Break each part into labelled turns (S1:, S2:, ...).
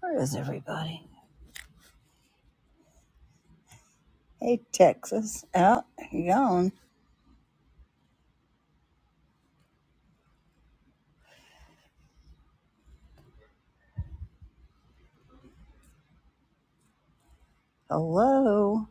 S1: Where is everybody? Hey, Texas. Out. You gone. Hello.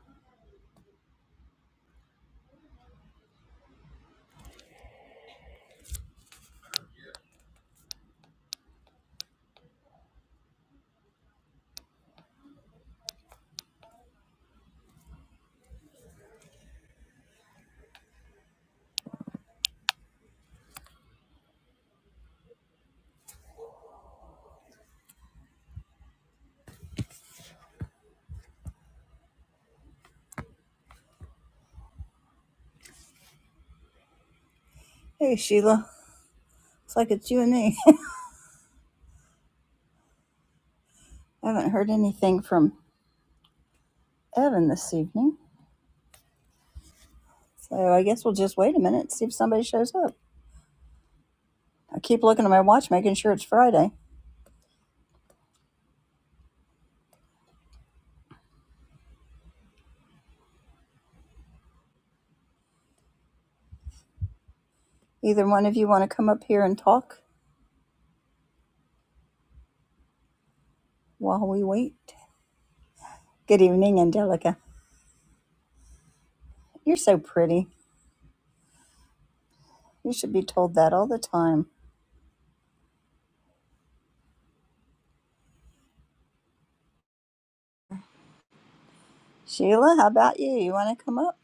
S1: Hey, Sheila. It's like it's you and me. I haven't heard anything from Evan this evening, so I guess we'll just wait a minute and see if somebody shows up. I keep looking at my watch, making sure it's Friday. Either one of you want to come up here and talk while we wait? Good evening, Angelica. You're so pretty. You should be told that all the time. Sheila, how about you? You want to come up?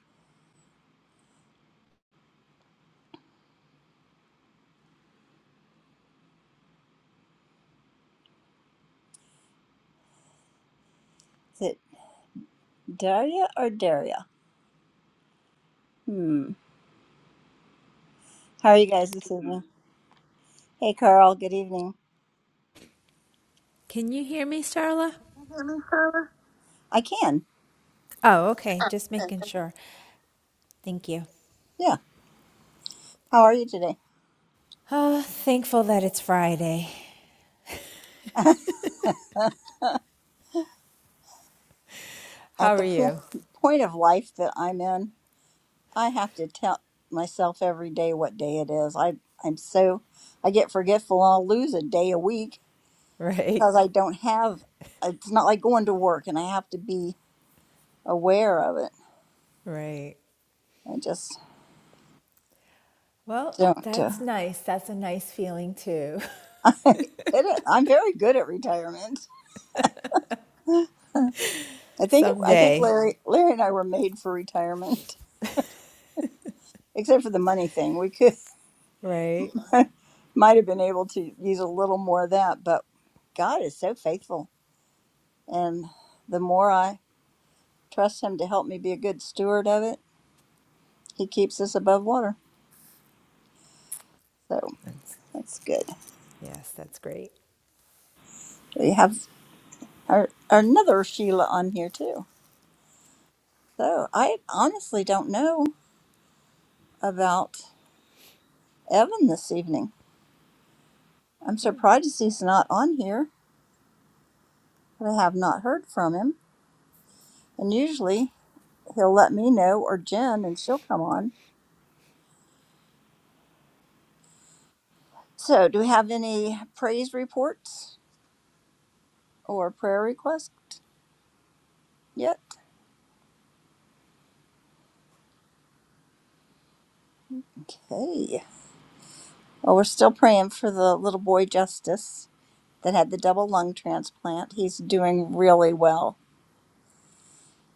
S1: Is it Daria or Daria? Hmm. How are you guys this evening? Hey, Carl. Good evening.
S2: Can you hear me, Starla?
S1: I can.
S2: Oh, okay. Just making sure. Thank you.
S1: Yeah. How are you today?
S2: Oh, thankful that it's Friday.
S1: At
S2: How are
S1: the po-
S2: you?
S1: point of life that I'm in, I have to tell myself every day what day it is. I I'm so I get forgetful. I'll lose a day a week
S2: Right,
S1: because I don't have. It's not like going to work, and I have to be aware of it.
S2: right.
S1: I just
S2: Well,
S1: don't. Uh,
S2: that's nice. That's a nice feeling too.
S1: it, is- I'm very good at retirement. I think I think
S2: Someday,
S1: Larry Larry and I were made for retirement, except for the money thing. We could.
S2: right?
S1: might have been able to use a little more of that, but God is so faithful. And the more I trust Him to help me be a good steward of it, He keeps us above water. So
S2: That's
S1: that's good.
S2: yes, that's great.
S1: We have our, another Sheila on here too. So I honestly don't know about Evan this evening. I'm surprised he's not on here, but I have not heard from him. And usually he'll let me know or Jen and she'll come on. So, do we have any praise reports or prayer requests yet? Okay. Well, we're still praying for the little boy Justice that had the double lung transplant. He's doing really well.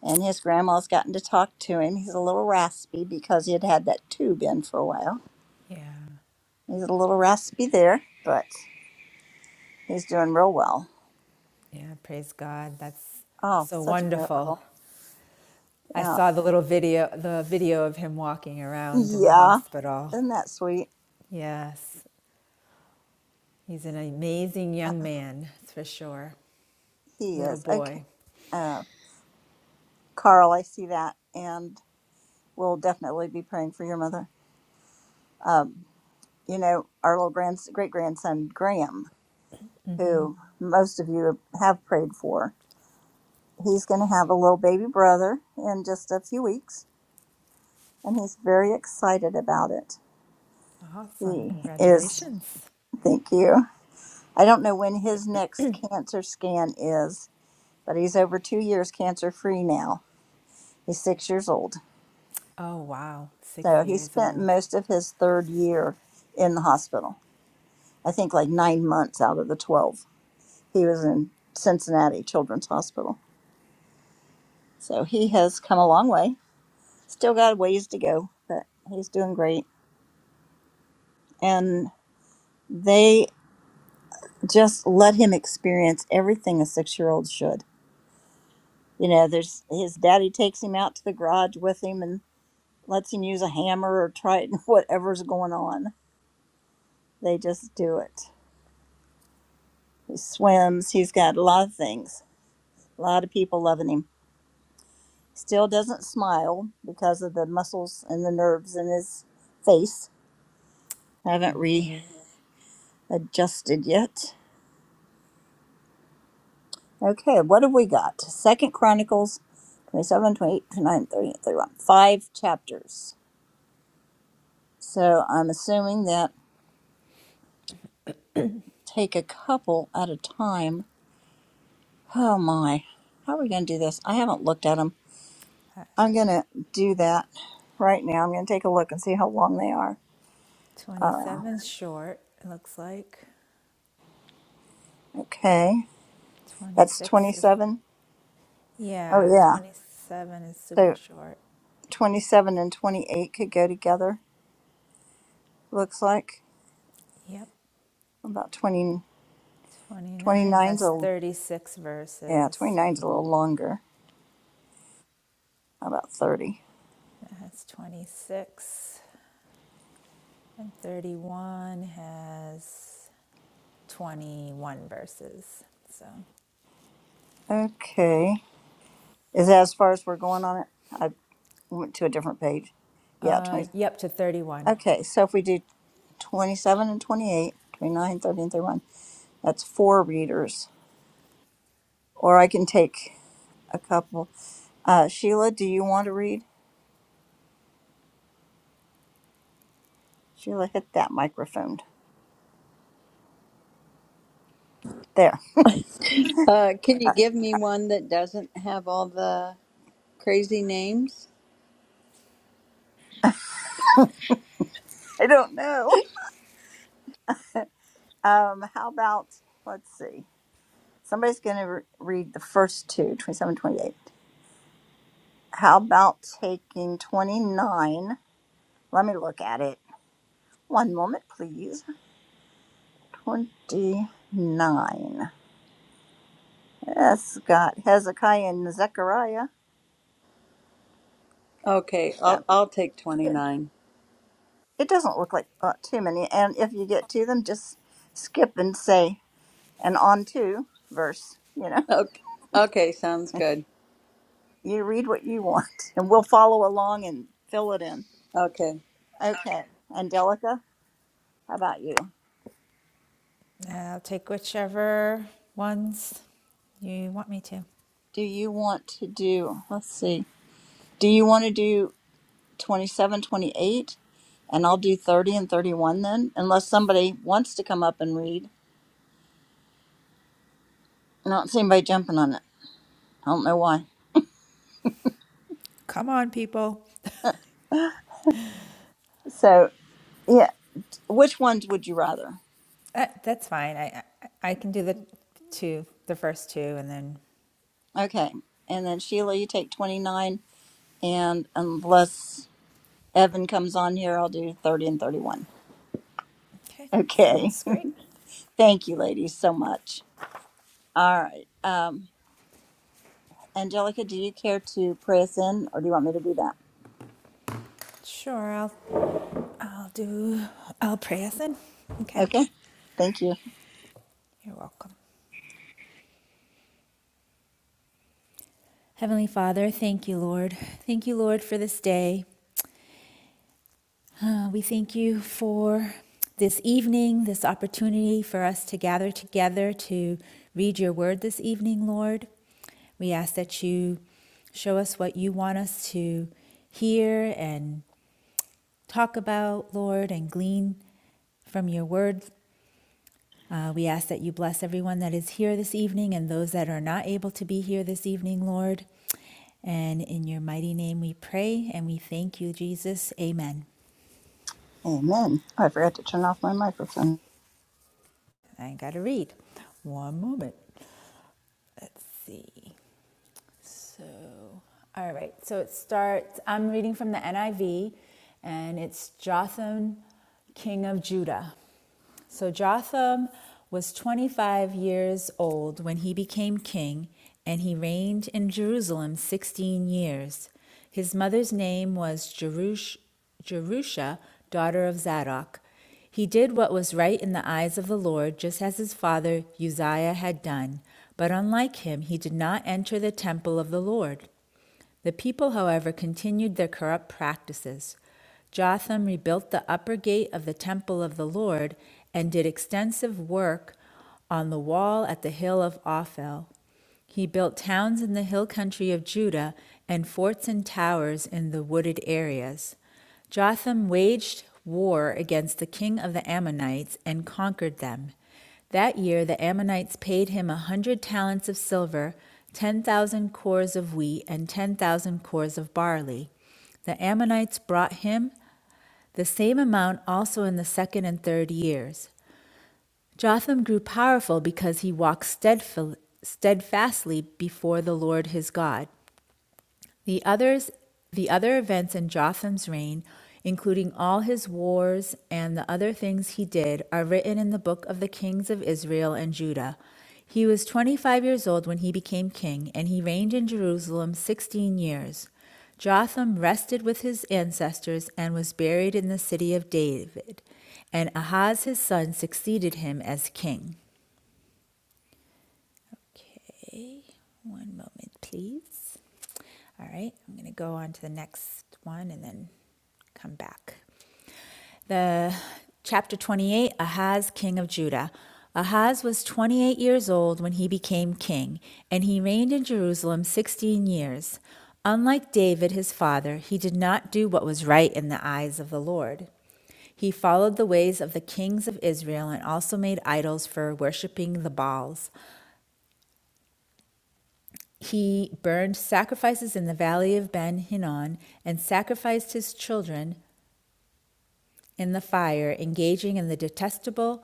S1: And his grandma's gotten to talk to him. He's a little raspy because he had had that tube in for a while.
S2: Yeah,
S1: He's a little raspy there, but he's doing real well.
S2: yeah. Praise God. That's
S1: Oh,
S2: so
S1: such a
S2: wonderful.
S1: miracle.
S2: I
S1: Yeah.
S2: saw the little video, the video of him walking around in the
S1: Yeah.
S2: hospital.
S1: Isn't that sweet?
S2: Yes, he's an amazing
S1: Uh,
S2: young man, that's for sure.
S1: he
S2: Little
S1: is. Okay.
S2: boy.
S1: Uh, Carl, I see that. And We'll definitely be praying for your mother. Um, you know, our little grand, great grandson, Graham, who most of you have prayed for, he's going to have a little baby brother in just a few weeks, and he's very excited about it.
S2: Awesome.
S1: He is,
S2: Congratulations.
S1: thank you. I don't know when his next cancer scan is, but he's over two years cancer free now. He's six years old.
S2: Oh, wow. Six
S1: So he
S2: years
S1: spent
S2: old.
S1: most of his third year in the hospital. I think like nine months out of the 12 He was in Cincinnati Children's Hospital. So he has come a long way. Still got a ways to go, but he's doing great. And they just let him experience everything a six year old should. You know, there's his daddy takes him out to the garage with him and lets him use a hammer or try whatever's going on. They just do it. He swims, he's got a lot of things, a lot of people loving him. Still doesn't smile because of the muscles and the nerves in his face I haven't readjusted yet. Okay, what have we got? Second Chronicles twenty-seven, twenty-eight, twenty-nine, thirty, thirty-one. Five chapters. So I'm assuming that take a couple at a time. Oh my. How are we going to do this? I haven't looked at them. I'm going to do that right now. I'm going to take a look and see how long they are. Uh,
S2: Twenty-seven's short, it looks like.
S1: okay. That's
S2: 26 is,
S1: 27.
S2: yeah,
S1: Oh, yeah.
S2: 27 is super
S1: So
S2: short.
S1: 27 and 28 could go together, looks like.
S2: Yep.
S1: About 20. Twenty
S2: 29
S1: nine's
S2: has
S1: a
S2: 36
S1: yeah, Twenty
S2: verses.
S1: nine's a little longer. How about 30?
S2: That has 26. And 31 has 21 verses. So,
S1: Okay. Is that as far as we're going on it? I went to a different page. Yeah,
S2: uh,
S1: 20.
S2: yep, to 31.
S1: Okay, so if we do 27 and 28, 29, 30, and 31, that's four readers. Or I can take a couple. Uh, Sheila, do you want to read? Sheila, hit that microphone. There.
S3: Uh, can you give me one that doesn't have all the crazy names?
S1: I don't know. Um, how about, let's see. Somebody's going to re- read the first seven, twenty eight. How about taking 29? Let me look at it. One moment, please. 29. That's got Hezekiah and Zechariah.
S3: Okay,
S1: Yeah,
S3: I'll I'll take
S1: it
S3: 29.
S1: it doesn't look like uh, too many. And if you get to them, just skip and say, and on to verse. You know,
S3: Okay. Okay, sounds good.
S1: you read what you want, and we'll follow along and fill it in.
S3: Okay.
S1: Okay. Angelica, how about you?
S2: I'll take whichever ones you want me to.
S1: Do you want to do, let's see, do you want to do 27, 28, and I'll do 30 and 31 then, unless somebody wants to come up and read. I don't see anybody jumping on it. I don't know why.
S2: Come on, people.
S1: So, yeah, which ones would you rather?
S2: Uh, that's fine. I, I I can do the two, the first two, and then
S1: Okay. And then Sheila, you take 29, and unless Evan comes on here, I'll do 30 and 31.
S2: Okay,
S1: Okay.
S2: sounds great.
S1: Thank you, ladies, so much. All right. Um, Angelica, do you care to pray us in, or do you want me to do that?
S2: Sure, I'll I'll do. I'll pray us in. Okay,
S1: Okay. Thank you.
S2: you're welcome. Heavenly Father, thank you, Lord. Thank you, Lord, for this day. Uh, we thank you for this evening, this opportunity for us to gather together to read your word this evening, Lord. We ask that you show us what you want us to hear and talk about, Lord, and glean from your word. Uh, we ask that you bless everyone that is here this evening and those that are not able to be here this evening, Lord. And in your mighty name we pray and we thank you, Jesus. Amen.
S1: Amen. Oh, I forgot to turn off my microphone.
S2: I got to read. One moment. Let's see. So, all right. So it starts, I'm reading from the NIV, and it's Jotham, king of Judah. So Jotham was 25 years old when he became king, and he reigned in Jerusalem 16 years. His mother's name was Jerusha, daughter of Zadok. He did what was right in the eyes of the Lord, just as his father Uzziah had done. But unlike him, he did not enter the temple of the Lord. The people, however, continued their corrupt practices. Jotham rebuilt the upper gate of the temple of the Lord and did extensive work on the wall at the hill of Ophel. He built towns in the hill country of Judah and forts and towers in the wooded areas. Jotham waged war against the king of the Ammonites and conquered them. That year the Ammonites paid him a hundred talents of silver, ten thousand cores of wheat, and ten thousand cores of barley. The Ammonites brought him the same amount also in the second and third years. Jotham grew powerful because he walked steadfastly before the Lord his God. The others, the other events in Jotham's reign, including all his wars and the other things he did, are written in the book of the kings of Israel and Judah. He was 25 years old when he became king, and he reigned in Jerusalem 16 years. Jotham rested with his ancestors and was buried in the city of David, and Ahaz his son succeeded him as king. Okay, one moment, please. All right, I'm going to go on to the next one and then come back. The chapter 28 Ahaz, king of Judah. Ahaz was 28 years old when he became king, and he reigned in Jerusalem 16 years. Unlike David, his father, he did not do what was right in the eyes of the Lord. He followed the ways of the kings of Israel and also made idols for worshiping the Baals. He burned sacrifices in the valley of Ben Hinnom and sacrificed his children in the fire, engaging in the detestable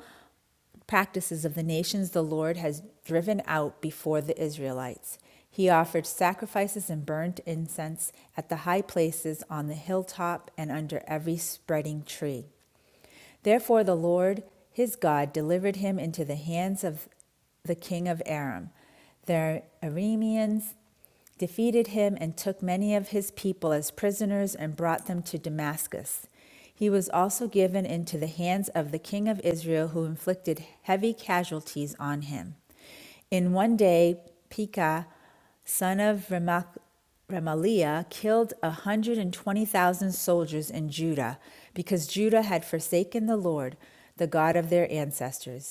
S2: practices of the nations the Lord has driven out before the Israelites. He offered sacrifices and burnt incense at the high places on the hilltop and under every spreading tree. Therefore, the Lord his God delivered him into the hands of the king of Aram. The Arameans defeated him, and took many of his people as prisoners and brought them to Damascus. He was also given into the hands of the king of Israel, who inflicted heavy casualties on him. In one day, Pekah, son of Remaliah, killed 120,000 soldiers in Judah because Judah had forsaken the Lord, the God of their ancestors.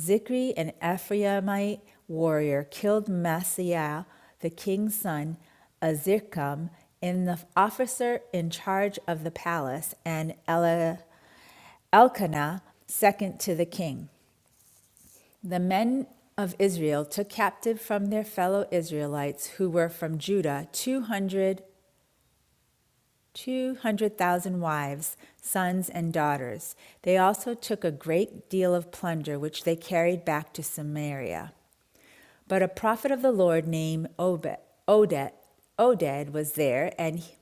S2: Zikri, an Ephraimite warrior, killed Maaseiah, the king's son, Azrikam, and the officer in charge of the palace, and Elkanah, second to the king. The men of Israel took captive from their fellow Israelites who were from Judah 200 200,000 wives, sons, and daughters. They also took a great deal of plunder, which they carried back to Samaria. But a prophet of the Lord named Obed, Oded, Oded was there, and he-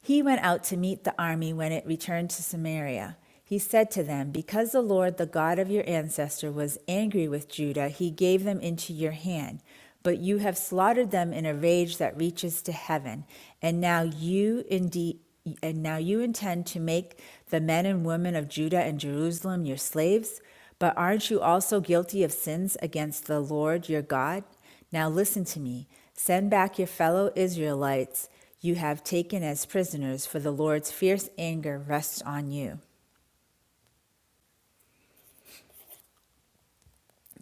S2: he went out to meet the army when it returned to Samaria. He said to them, Because the Lord, the God of your ancestor, was angry with Judah, he gave them into your hand but you have slaughtered them in a rage that reaches to heaven. And now you indeed and now you intend to make the men and women of Judah and Jerusalem your slaves, but aren't you also guilty of sins against the Lord your God? Now listen to me. Send back your fellow Israelites you have taken as prisoners, for the Lord's fierce anger rests on you.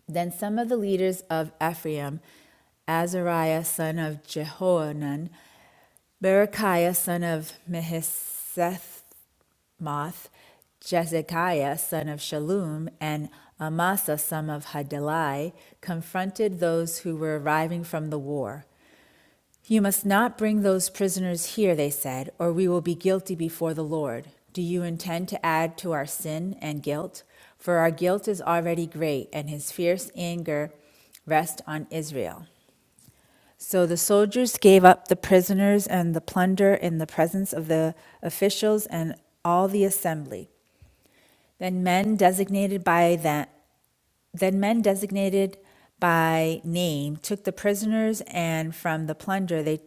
S2: Then some of the leaders of Ephraim, Azariah son of Jehoanan, Berechiah son of Mehisethmoth, Jezekiah son of Shallum, and Amasa son of Hadalai confronted those who were arriving from the war. You must not bring those prisoners here, they said, or we will be guilty before the Lord. Do you intend to add to our sin and guilt? For our guilt is already great, and his fierce anger rests on Israel. So the soldiers gave up the prisoners and the plunder in the presence of the officials and all the assembly. Then men designated by that then men designated by name took the prisoners and from the plunder they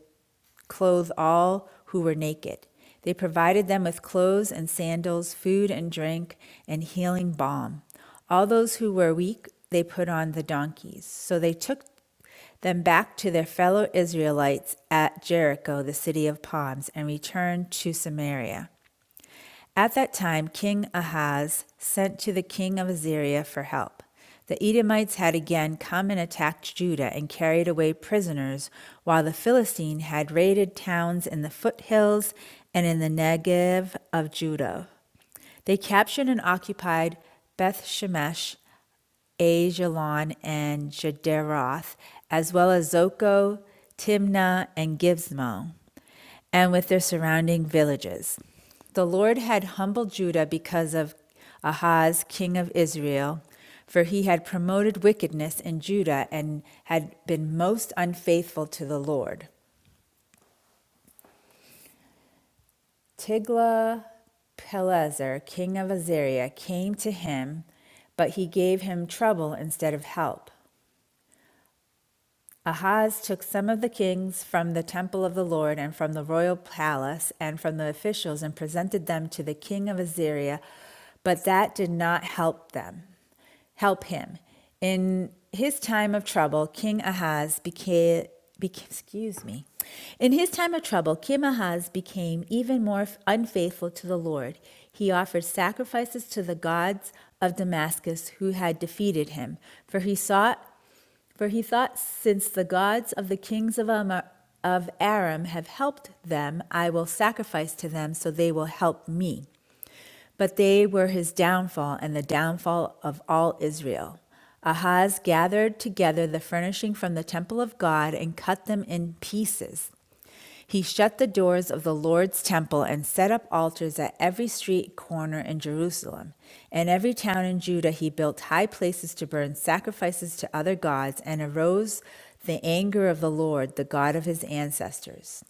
S2: clothe all who were naked. They provided them with clothes and sandals, food and drink, and healing balm. All those who were weak they put on the donkeys. So they took them back to their fellow Israelites at Jericho, the city of palms, and returned to Samaria. At that time, King Ahaz sent to the king of Assyria for help. The Edomites had again come and attacked Judah and carried away prisoners, while the Philistine had raided towns in the foothills and in the Negev of Judah. They captured and occupied Beth Shemesh, Ajalon, and Jederoth, as well as Zoko, Timnah, and Gibzmo, and with their surrounding villages. The Lord had humbled Judah because of Ahaz, king of Israel, for he had promoted wickedness in Judah and had been most unfaithful to the Lord. Tiglath-Pileser, king of Assyria, came to him, but he gave him trouble instead of help. Ahaz took some of the kings from the temple of the Lord and from the royal palace and from the officials and presented them to the king of Assyria, but that did not help them. help him. In his time of trouble, King Ahaz became, became excuse me. In his time of trouble, King Ahaz became even more unfaithful to the Lord. He offered sacrifices to the gods of Damascus who had defeated him, for he sought for he thought, since the gods of the kings of, Amar- of Aram have helped them, I will sacrifice to them, so they will help me. But they were his downfall and the downfall of all Israel. Ahaz gathered together the furnishing from the temple of God and cut them in pieces. He shut the doors of the Lord's temple and set up altars at every street corner in Jerusalem. In every town in Judah, he built high places to burn sacrifices to other gods, and arose the anger of the Lord, the God of his ancestors.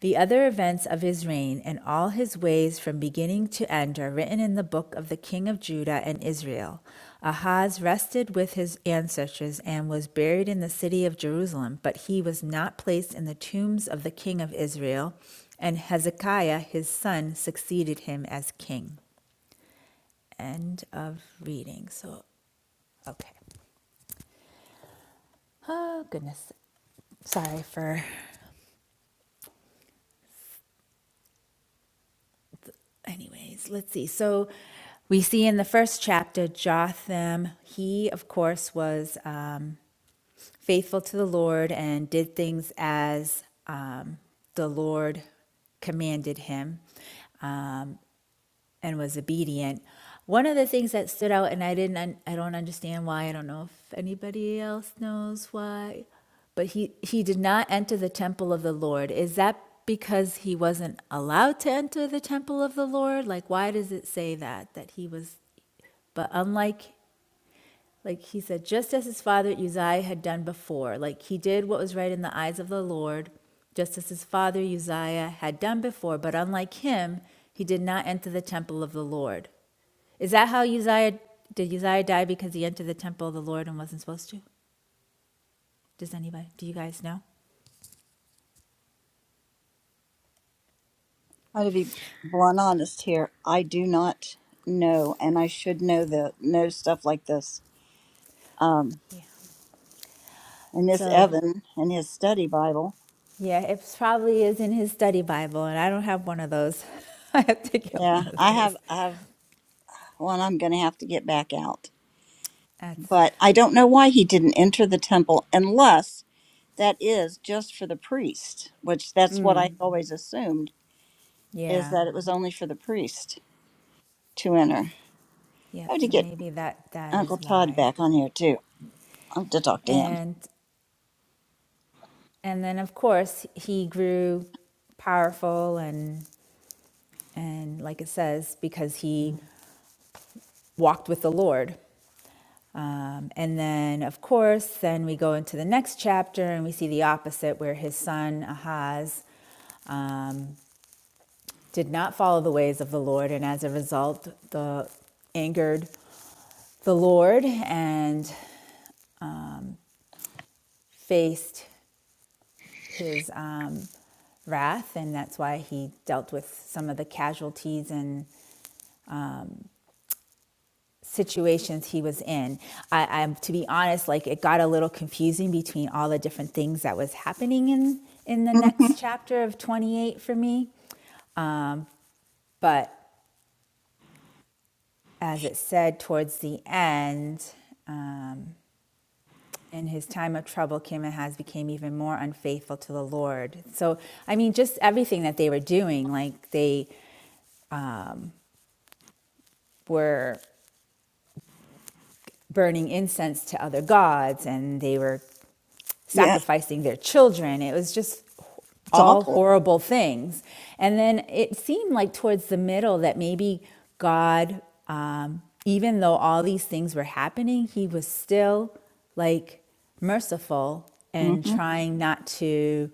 S2: The other events of his reign and all his ways from beginning to end are written in the book of the king of Judah and Israel. Ahaz rested with his ancestors and was buried in the city of Jerusalem, but he was not placed in the tombs of the king of Israel, and Hezekiah his son succeeded him as king. End of reading. So, okay. Oh, goodness. Sorry for anyways, let's see. So we see in the first chapter, Jotham, he, of course, was uh, faithful to the Lord and did things as um, the Lord commanded him. Um, and was obedient. One of the things that stood out, and I didn't, I don't understand why. I don't know if anybody else knows why, but he he did not enter the temple of the Lord. Is that because he wasn't allowed to enter the temple of the Lord? Like, why does it say that that he was? But unlike, like he said, just as his father Uzziah had done before, like he did what was right in the eyes of the Lord just as his father Uzziah had done before, but unlike him, he did not enter the temple of the Lord. Is that how Uzziah, did Uzziah die because he entered the temple of the Lord and wasn't supposed to? Does anybody, do you guys know?
S1: I'm going to be blunt honest here. I do not know, and I should know the know stuff like this. Um, and Miss
S2: So,
S1: Evan and his study Bible.
S2: yeah, it probably is in his study Bible, and I don't have one of those. I have to get one
S1: Yeah,
S2: of
S1: I
S2: those.
S1: have. I have one. I'm going to have to get back out.
S2: That's,
S1: But I don't know why he didn't enter the temple, unless that is just for the priest. Which that's what I always assumed is
S2: yeah,
S1: that it was only for the priest to enter.
S2: yeah,
S1: I have to
S2: so
S1: get
S2: maybe that, that is
S1: Uncle Todd
S2: why.
S1: back on here too. I have to talk to him.
S2: And, and then of course, he grew powerful and, and like it says, because he walked with the Lord Um, and then, of course, then we go into the next chapter and we see the opposite, where his son Ahaz um, did not follow the ways of the Lord, and as a result, the angered the Lord and faced his um, wrath, and that's why he dealt with some of the casualties and situations he was in. I, I'm to be honest, like it got a little confusing between all the different things that was happening in in the next chapter of 28 for me. But as it said towards the end, um, in his time of trouble, Kim has became even more unfaithful to the Lord. So I mean, just everything that they were doing, like they were burning incense to other gods and they were
S1: Yeah,
S2: sacrificing their children. It was just
S1: it's
S2: all
S1: awful.
S2: horrible things. And then it seemed like towards the middle that maybe God, um, even though all these things were happening, he was still like merciful and
S1: Mm-hmm.
S2: trying not to,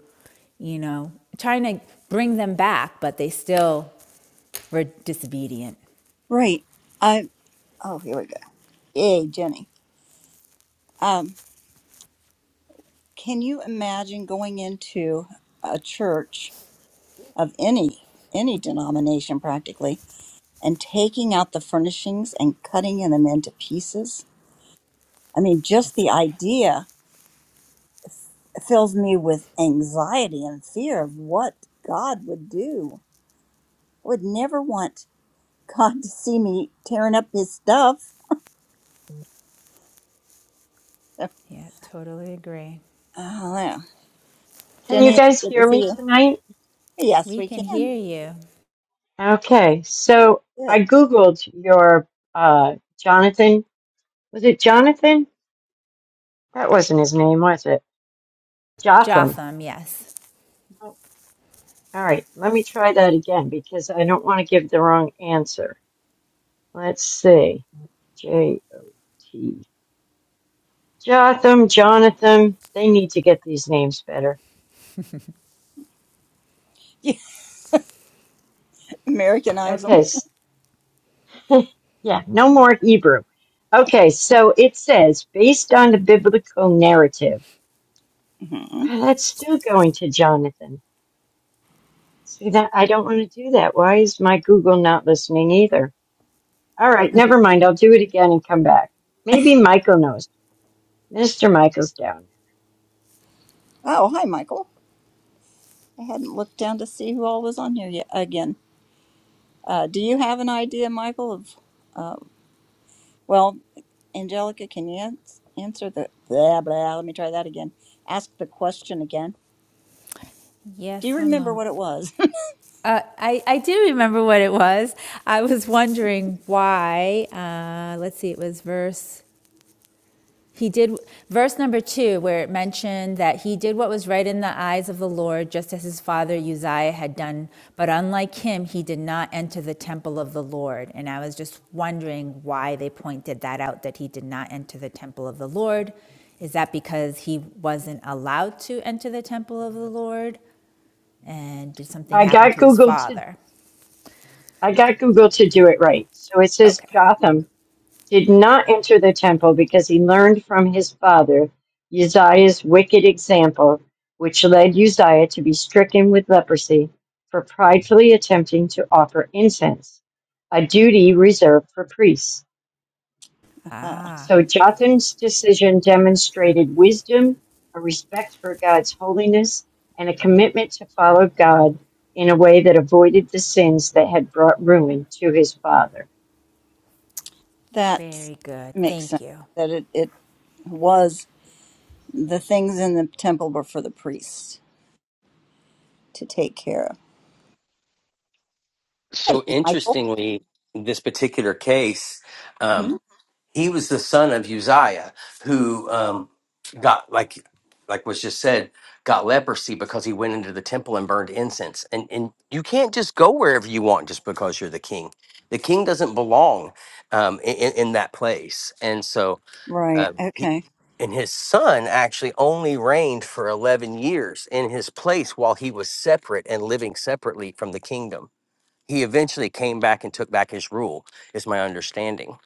S2: you know, trying to bring them back, but they still were disobedient.
S1: Right. I oh here we go. Yay, Jenny. Um, can you imagine going into a church of any any denomination practically and taking out the furnishings and cutting them into pieces? I mean, just
S2: That's
S1: the
S2: correct.
S1: idea fills me with anxiety and fear of what God would do. I would never want God to see me tearing up his stuff.
S2: Yeah, totally agree.
S1: Oh, yeah.
S4: Can you
S1: Jenny, it's
S4: guys
S1: good to
S4: hear
S1: see
S4: me
S1: you.
S4: tonight?
S1: Yes,
S2: We
S1: we
S2: can
S1: can.
S2: hear you.
S4: Okay,
S1: Very
S4: so I
S1: Good.
S4: Googled your uh, Jonathan. Was it Jonathan? That wasn't his name, was it? Jotham.
S2: Jotham, yes.
S4: No. All right, let me try that again because I don't want to give the wrong answer. Let's see. J O T. Jotham, Jonathan. They need to get these names better.
S1: Americanize
S4: Okay,
S1: them.
S4: s- yeah, no more Hebrew. Okay, so it says based on the biblical narrative.
S1: hmm
S4: Well, That's still going to Jonathan. See that I don't want to do that. Why is my Google not listening either? All right, never mind. I'll do it again and come back. Maybe Michael knows. Mr. Michael's down.
S1: Oh, hi, Michael. I hadn't looked down to see who all was on here yet again. Uh, do you have an idea, Michael, of, uh, well, Angelica, can you ans- answer the, blah, blah, let me try that again. Ask the question again. Do
S2: Yes,
S1: you
S2: one
S1: remember
S2: moment.
S1: what it was?
S2: Uh, I, I do remember what it was. I was wondering why. Uh, let's see, it was verse. He did verse number two, where it mentioned that he did what was right in the eyes of the Lord, just as his father Uzziah had done. But unlike him, he did not enter the temple of the Lord. And I was just wondering why they pointed that out that he did not enter the temple of the Lord. Is that because he wasn't allowed to enter the temple of the Lord? And did something
S4: I
S2: happen
S4: got
S2: to his
S4: Google to
S2: father?
S4: I got Google to do it right. So it says
S2: Okay.
S4: Jotham did not enter the temple because he learned from his father Uzziah's wicked example, which led Uzziah to be stricken with leprosy for pridefully attempting to offer incense, a duty reserved for priests.
S1: uh,
S2: Ah,
S4: So Jotham's decision demonstrated wisdom, a respect for God's holiness, and a commitment to follow God in a way that avoided the sins that had brought ruin to his father.
S1: that
S2: very good.
S1: makes
S2: Thank
S1: sense.
S2: you.
S1: That it, it was the things in the temple were for the priests to take care of. Hello,
S5: So
S1: Michael.
S5: interestingly, this particular case,
S1: hmm
S5: um, he was the son of Uzziah, who um, got like like was just said, got leprosy because he went into the temple and burned incense. And and you can't just go wherever you want just because you're the king. The king doesn't belong um, in, in in that place. And so
S1: Right.
S5: uh, he.
S1: Okay.
S5: And his son actually only reigned for 11 years in his place while he was separate and living separately from the kingdom he eventually came back and took back his rule is my understanding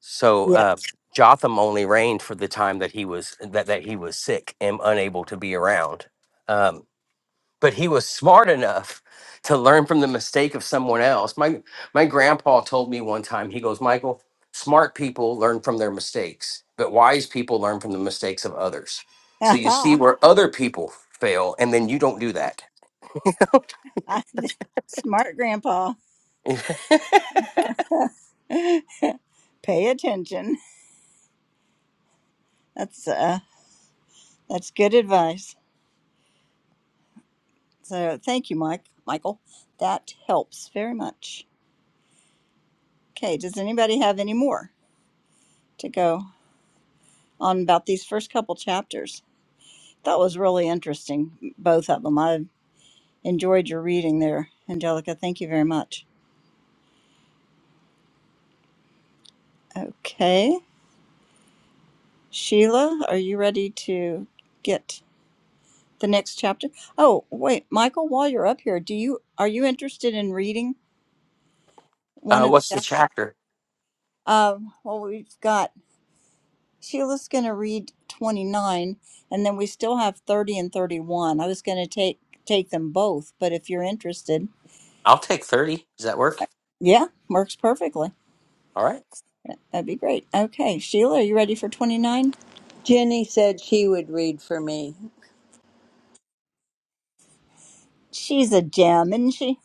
S5: so uh, jotham only reigned for the time that he was that, that he was sick and unable to be around um, but he was smart enough to learn from the mistake of someone else my my grandpa told me one time he goes michael smart people learn from their mistakes but wise people learn from the mistakes of others so you see
S1: Yeah.
S5: where other people fail and then you don't do that
S1: I, Smart grandpa. Pay attention. That's uh that's good advice. So thank you, Mike Michael. That helps very much. Okay, does anybody have any more to go on about these first couple chapters? That was really interesting, both of them. I enjoyed your reading there, Angelica. Thank you very much. Okay. Sheila, are you ready to get the next chapter. Oh, wait, Michael, while you're up here, do you are you interested in reading one
S5: uh,
S1: of the
S5: what's the
S1: chapters?
S5: chapter
S1: Um, well, we've got Sheila's going to read 29, and then we still have 30 and 31. I was going to take take them both, but if you're interested,
S5: i'll take 30 does that work
S1: yeah, works perfectly.
S5: all right
S1: That'd be great. Okay, Sheila, are you ready for 29?
S3: Jenny said she would read for me.
S1: She's a gem, isn't she?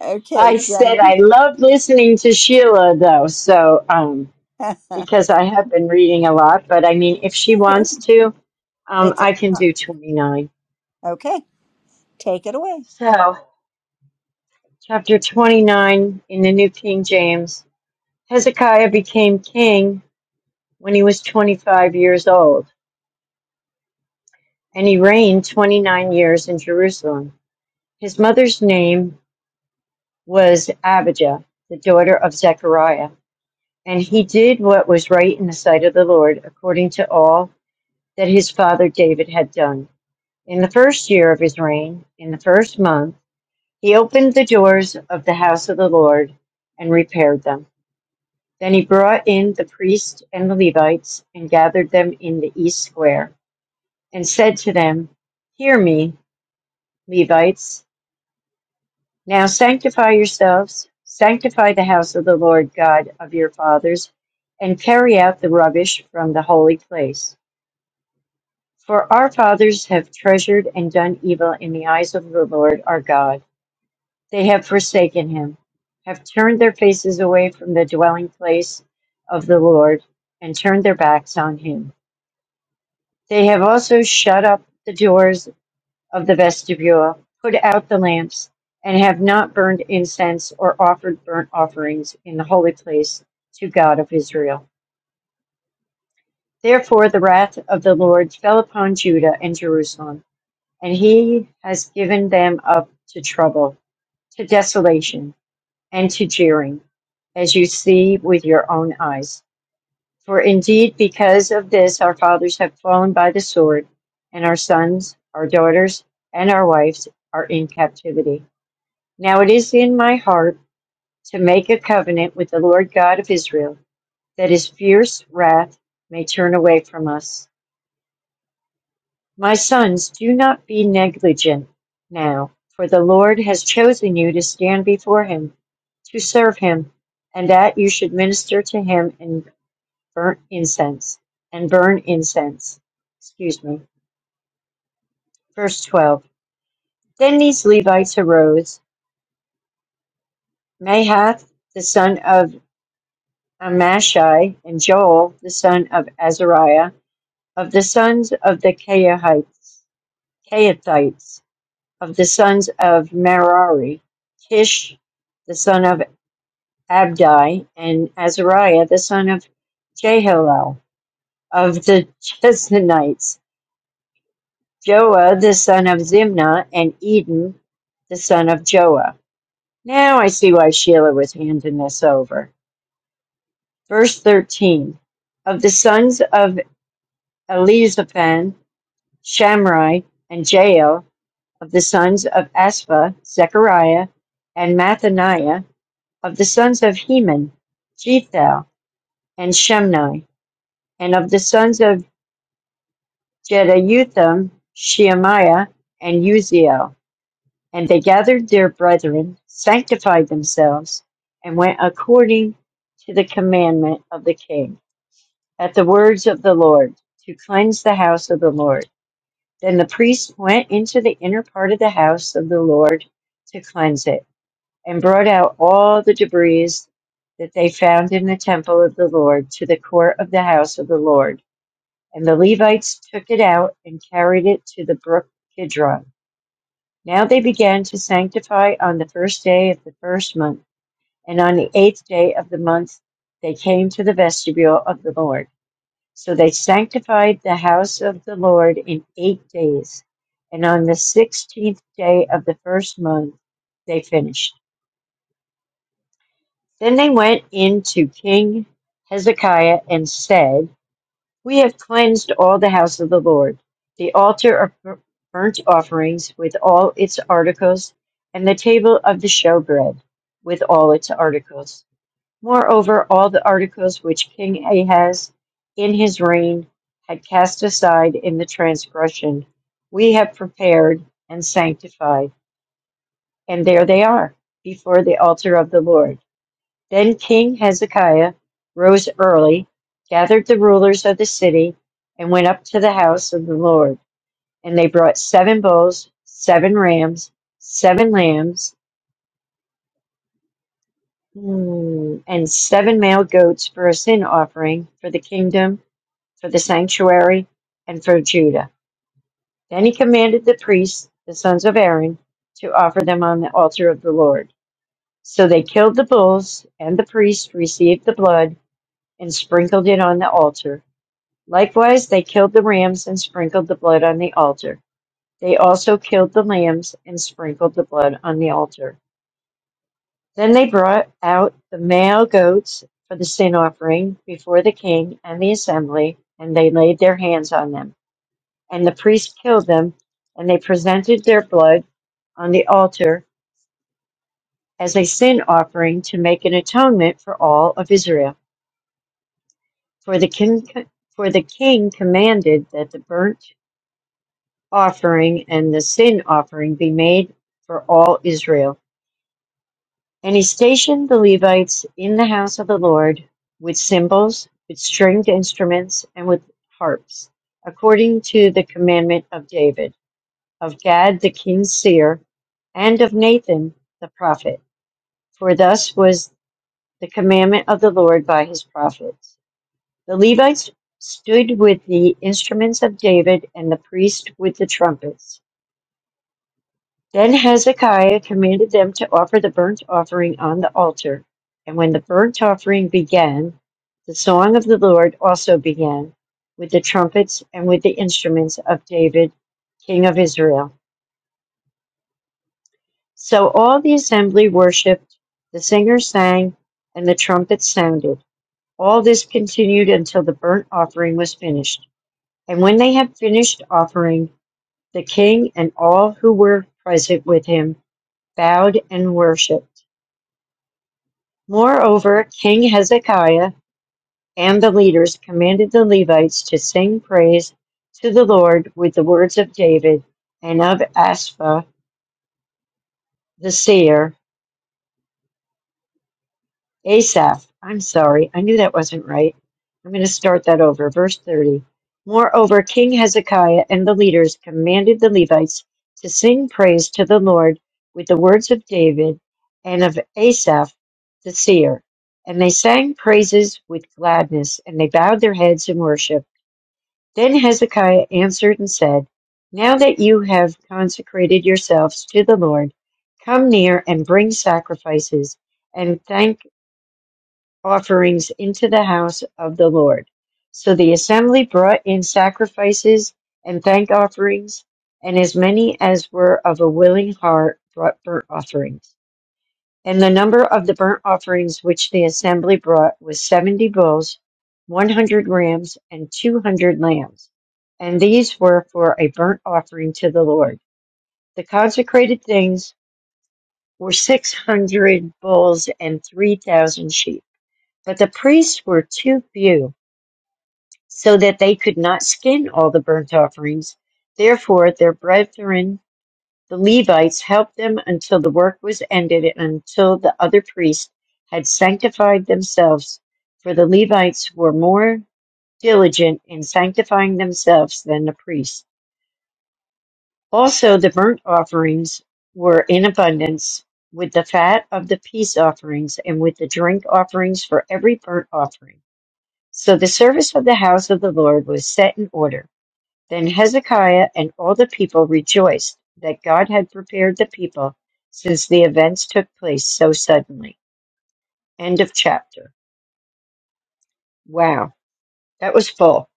S1: Okay,
S4: I said
S1: Jenny.
S4: I love listening to Sheila though, so um
S1: okay,
S4: because I have been reading a lot, but I mean if she wants to, um
S1: it's a
S4: I can
S1: huh,
S4: do 29.
S1: okay. Take it away.
S4: So, chapter 29 in the New King James. Hezekiah became king when he was 25 years old, and he reigned 29 years in Jerusalem. His mother's name was Abijah, the daughter of Zechariah, and he did what was right in the sight of the Lord, according to all that his father David had done. In the first year of his reign, in the first month, he opened the doors of the house of the Lord and repaired them. Then he brought in the priests and the Levites and gathered them in the east square and said to them, Hear me, Levites, now sanctify yourselves, sanctify the house of the Lord God of your fathers, and carry out the rubbish from the holy place. For our fathers have treasured and done evil in the eyes of the Lord our God. They have forsaken him, have turned their faces away from the dwelling place of the Lord, and turned their backs on him. They have also shut up the doors of the vestibule, put out the lamps, and have not burned incense or offered burnt offerings in the holy place to God of Israel. Therefore the wrath of the Lord fell upon Judah and Jerusalem, and he has given them up to trouble, to desolation, and to jeering, as you see with your own eyes. For indeed, because of this, our fathers have fallen by the sword, and our sons, our daughters, and our wives are in captivity. Now it is in my heart to make a covenant with the Lord God of Israel, that his fierce wrath may turn away from us. My sons, do not be negligent now, for the Lord has chosen you to stand before him, to serve him, and that you should minister to him and burn incense, and burn incense. Excuse me. Verse 12. Then these Levites arose, Mahath, the son of Amashai, and Joel the son of Azariah, of the sons of the Kehathites, Kehathites, of the sons of Merari, Kish the son of Abdi, and Azariah the son of Jehalel, of the Chesnites, Joah the son of Zimna, and Eden the son of Joah. Now I see why Sheila was handing this over. Verse 13 Of the sons of Elizaphan, Shamrai, and Jael of the sons of Asaph, Zechariah, and Mathaniah of the sons of Heman, Jethal, and Shemni, and of the sons of Jeduthun, Shemaiah, and Uziel. And they gathered their brethren, sanctified themselves, and went according to the commandment of the king, at the words of the Lord, to cleanse the house of the Lord. Then the priest went into the inner part of the house of the Lord to cleanse it, and brought out all the debris that they found in the temple of the Lord to the court of the house of the Lord. And the Levites took it out and carried it to the brook Kidron. Now they began to sanctify on the first day of the first month, and on the eighth day of the month they came to the vestibule of the Lord. So they sanctified the house of the Lord in eight days, and on the sixteenth day of the first month they finished. Then they went in to King Hezekiah and said, We have cleansed all the house of the Lord, the altar of bur- burnt offerings with all its articles, and the table of the showbread with all its articles. Moreover, all the articles which King Ahaz in his reign had cast aside in the transgression, we have prepared and sanctified, and there they are before the altar of the Lord. Then King Hezekiah rose early, gathered the rulers of the city, and went up to the house of the Lord. And they brought seven bulls, seven rams, seven lambs, mm, and seven male goats for a sin offering for the kingdom for the sanctuary and for Judah. Then he commanded the priests, the sons of Aaron, to offer them on the altar of the Lord. So they killed the bulls, and the priests received the blood and sprinkled it on the altar. Likewise, they killed the rams and sprinkled the blood on the altar. They also killed the lambs and sprinkled the blood on the altar. Then they brought out the male goats for the sin offering before the king and the assembly, and they laid their hands on them. And the priest killed them, and they presented their blood on the altar as a sin offering to make an atonement for all of Israel. For the king, for the king commanded that the burnt offering and the sin offering be made for all Israel. And he stationed the Levites in the house of the Lord with cymbals, with stringed instruments, and with harps, according to the commandment of David of Gad the king's seer, and of Nathan the prophet. For thus was the commandment of the Lord by his prophets. The Levites stood with the instruments of David, and the priests with the trumpets. Then Hezekiah commanded them to offer the burnt offering on the altar. And when the burnt offering began, the song of the Lord also began, with the trumpets and with the instruments of David, king of Israel. So all the assembly worshipped, the singers sang, and the trumpets sounded. All this continued until the burnt offering was finished. And when they had finished offering, the king and all who were present with him bowed and worshipped. Moreover, King Hezekiah and the leaders commanded the Levites to sing praise to the Lord with the words of David and of Asaph the seer Asaph, I'm sorry, I knew that wasn't right. I'm going to start that over. Verse 30. Moreover, King Hezekiah and the leaders commanded the Levites to sing praise to the Lord with the words of David and of Asaph the seer. And they sang praises with gladness, and they bowed their heads in worship. Then Hezekiah answered and said, Now that you have consecrated yourselves to the Lord, come near and bring sacrifices and thank offerings into the house of the Lord. So the assembly brought in sacrifices and thank offerings, and as many as were of a willing heart brought burnt offerings. And the number of the burnt offerings which the assembly brought was seventy bulls, one hundred rams, and two hundred lambs. And these were for a burnt offering to the Lord. The consecrated things were six hundred bulls and three thousand sheep. But the priests were too few, so that they could not skin all the burnt offerings. Therefore, their brethren, the Levites, helped them until the work was ended and until the other priests had sanctified themselves. For the Levites were more diligent in sanctifying themselves than the priests. Also, the burnt offerings were in abundance with the fat of the peace offerings and with the drink offerings for every burnt offering So the service of the house of the Lord was set in order. Then Hezekiah and all the people rejoiced that God had prepared the people since the events took place so suddenly. End of chapter. Wow, that was full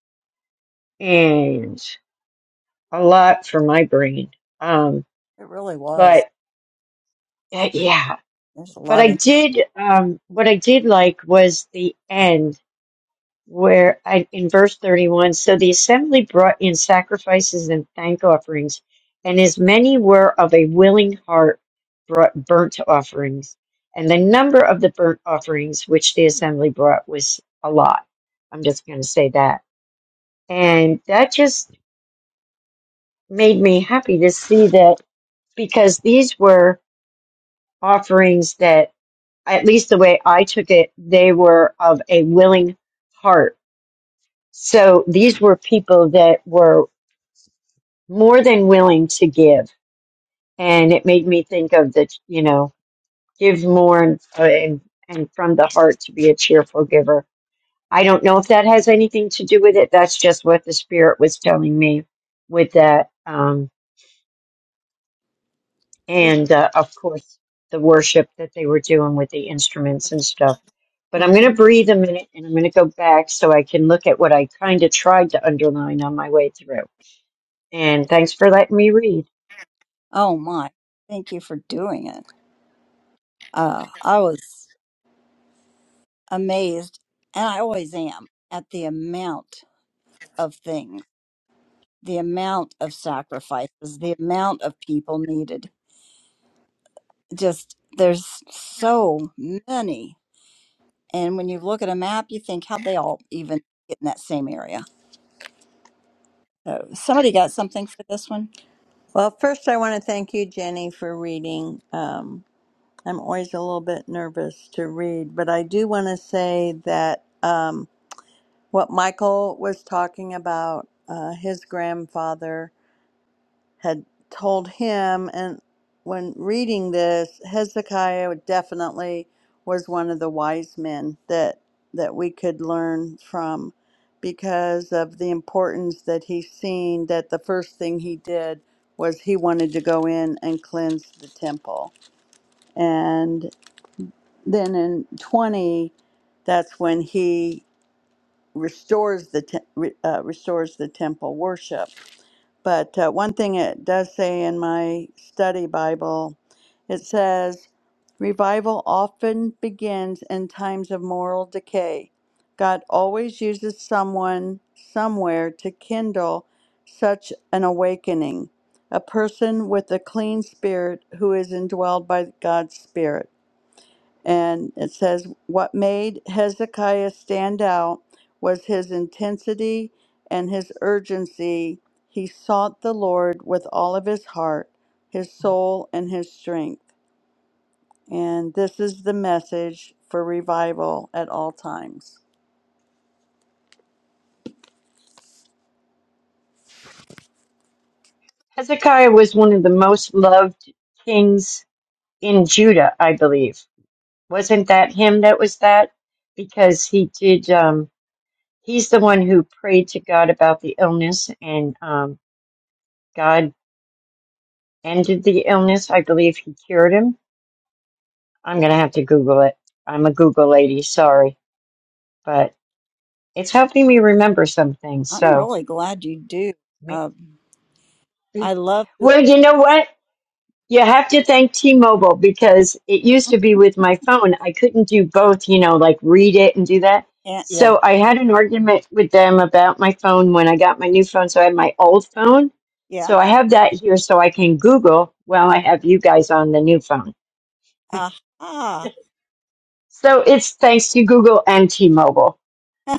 S4: and a lot for my brain. Um,
S1: It really was.
S4: but uh, yeah,
S1: There's a
S4: but
S1: lot
S4: I
S1: in.
S4: did, um, what I did like was the end where I, in verse 31, so the assembly brought in sacrifices and thank offerings, and as many were of a willing heart brought burnt offerings. And the number of the burnt offerings which the assembly brought was a lot. I'm just going to say that. And that just made me happy to see that because these were offerings that, at least the way I took it, they were of a willing heart. So these were people that were more than willing to give. And it made me think of the, you know, give more and, uh, and, and from the heart to be a cheerful giver. I don't know if that has anything to do with it. That's just what the Spirit was telling me with that. Um, and uh, of course, the worship that they were doing with the instruments and stuff. But
S1: hmm
S4: I'm going to breathe a minute and I'm going to go back so I can look at what I kind of tried to underline on my way through. And thanks for letting me read.
S1: Oh my, thank you for doing it. Uh, I was amazed, and I always am, at the amount of things, the amount of sacrifices, the amount of people needed. Just there's so many. And when you look at a map, you think how they all even get in that same area. So somebody got something for this one.
S3: Well, first I want to thank you, Jenny, for reading. Um, I'm always a little bit nervous to read, but I do want to say that um, what Michael was talking about, uh, his grandfather, had told him. And when reading this, Hezekiah definitely was one of the wise men that that we could learn from because of the importance that he's seen that the first thing he did was he wanted to go in and cleanse the temple. And then in 20, that's when he restores the te- re- uh, restores the temple worship but uh, one thing it does say in my study Bible, it says, Revival often begins in times of moral decay. God always uses someone somewhere to kindle such an awakening, a person with a clean spirit who is indwelled by God's Spirit. And it says, What made Hezekiah stand out was his intensity and his urgency. He sought the Lord with all of his heart, his soul, and his strength. And this is the message for revival at all times.
S4: Hezekiah was one of the most loved kings in Judah, I believe. Wasn't that him that was that? Because he did, um, he's the one who prayed to God about the illness and, um, God ended the illness. I believe he cured him. I'm going to have to Google it. I'm a Google lady. Sorry, but it's helping me remember some things.
S1: I'm
S4: So,
S1: really glad you do.
S4: me-
S1: Um, I love the,
S4: well, you know what? You have to thank T-Mobile because it used to be with my phone. I couldn't do both, you know, like read it and do that.
S1: yeah, yeah.
S4: So I had an argument with them about my phone when I got my new phone. So I had my old phone.
S1: yeah.
S4: So I have that here so I can Google while I have you guys on the new phone.
S1: Aha,
S4: So it's thanks to Google and T-Mobile.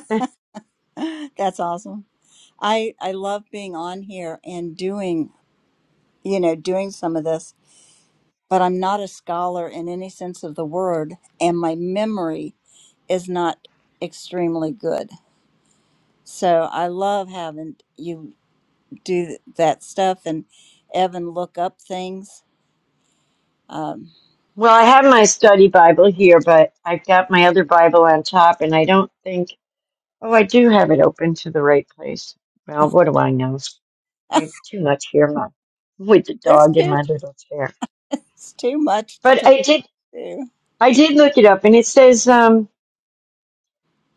S1: that's awesome. I I love being on here and doing, you know, doing some of this, but I'm not a scholar in any sense of the word and my memory is not extremely good. So I love having you do that stuff and Evan look up things. Um
S4: Well, I have my study Bible here, but I've got my other Bible on top and I don't think Oh, I do have it open to the right place. Well, what do I know? I have too much here my, with the
S1: there's
S4: dog in
S1: too
S4: my little chair.
S1: it's too much to
S4: But
S1: try
S4: I did
S1: to do.
S4: I did look it up and it says um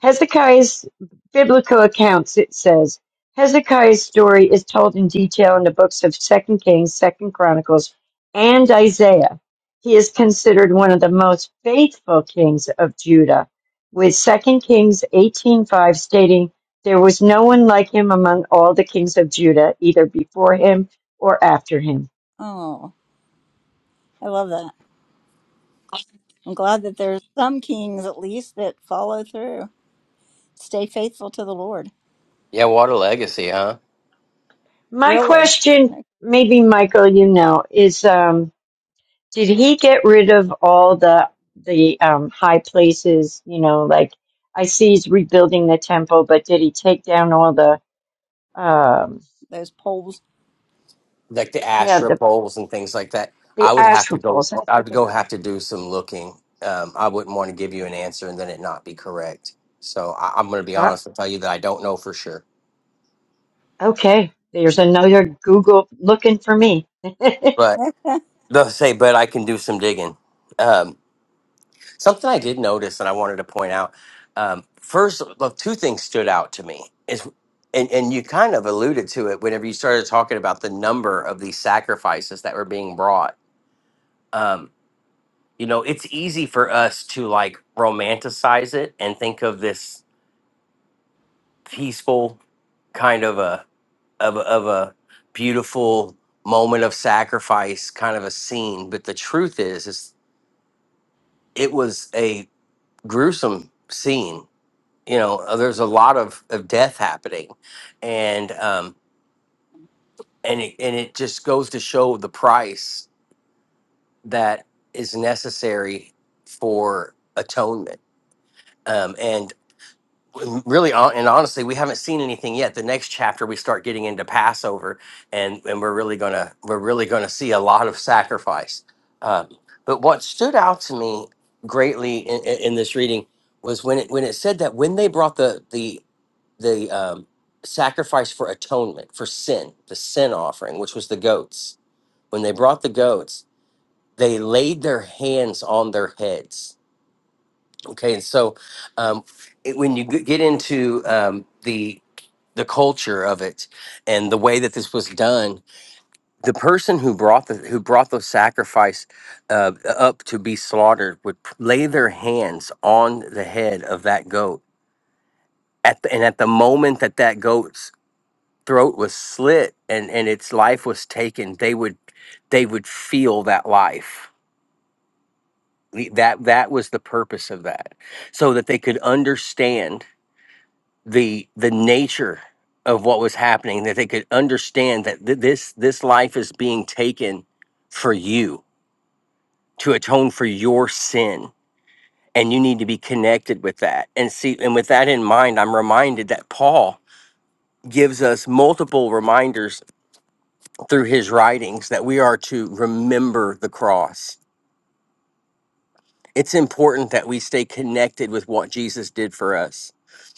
S4: Hezekiah's biblical accounts, it says, Hezekiah's story is told in detail in the books of Second Kings, Second Chronicles, and Isaiah. He is considered one of the most faithful kings of Judah, with Second Kings 18.5 stating, There was no one like him among all the kings of Judah, either before him or after him.
S1: Oh, I love that. I'm glad that there's some kings at least that follow through. Stay faithful to the Lord.
S5: Yeah, Water Legacy, huh?
S4: My
S1: Really.
S4: question,
S1: like
S4: maybe Michael, you know, is... Um, Did he get rid of all the the um, high places? You know, like I see he's rebuilding the temple, but did he take down all the um,
S1: Those polls.
S5: Like the
S4: yeah
S5: Astra
S4: the
S5: poles and things like that. I
S4: the
S5: would have
S4: asher
S5: to go.
S4: poles? That's
S5: I
S4: what
S5: would
S4: they
S5: go
S4: were.
S5: have to do some looking. Um, I wouldn't want to give you an answer and then it not be correct. So I, I'm going to be
S4: Uh,
S5: honest and tell you that I don't know for sure.
S4: okay, there's another Google looking for me.
S5: But they'll say, but I can do some digging. Um, something I did notice and I wanted to point out. Um, first, look, two things stood out to me is, and, and you kind of alluded to it whenever you started talking about the number of these sacrifices that were being brought. Um, you know it's easy for us to like romanticize it and think of this peaceful kind of a of a, of a beautiful moment of sacrifice kind of a scene but the truth is is it was a gruesome scene you know uh, there's a lot of of death happening and um and it, and it just goes to show the price that is necessary for atonement um and and really hon- and honestly we haven't seen anything yet the next chapter we start getting into passover and and we're really gonna we're really gonna see a lot of sacrifice um, but what stood out to me greatly in, in in this reading was when it when it said that when they brought the the the um, sacrifice for atonement for sin the sin offering which was the goats when they brought the goats they laid their hands on their heads Okay, and so um, it, when you g- get into um, the the culture of it and the way that this was done, the person who brought the who brought the sacrifice uh, up to be slaughtered would p- lay their hands on the head of that goat at the, and at the moment that that goat's throat was slit and and its life was taken, they would they would feel that life. The- That that was the purpose of that, so that they could understand the the nature of what was happening that they could understand that th- this this life is being taken for you to atone for your sin and you need to be connected with that and see and with that in mind i'm reminded that paul gives us multiple reminders through his writings that we are to remember the cross it's important that we stay connected with what jesus did for us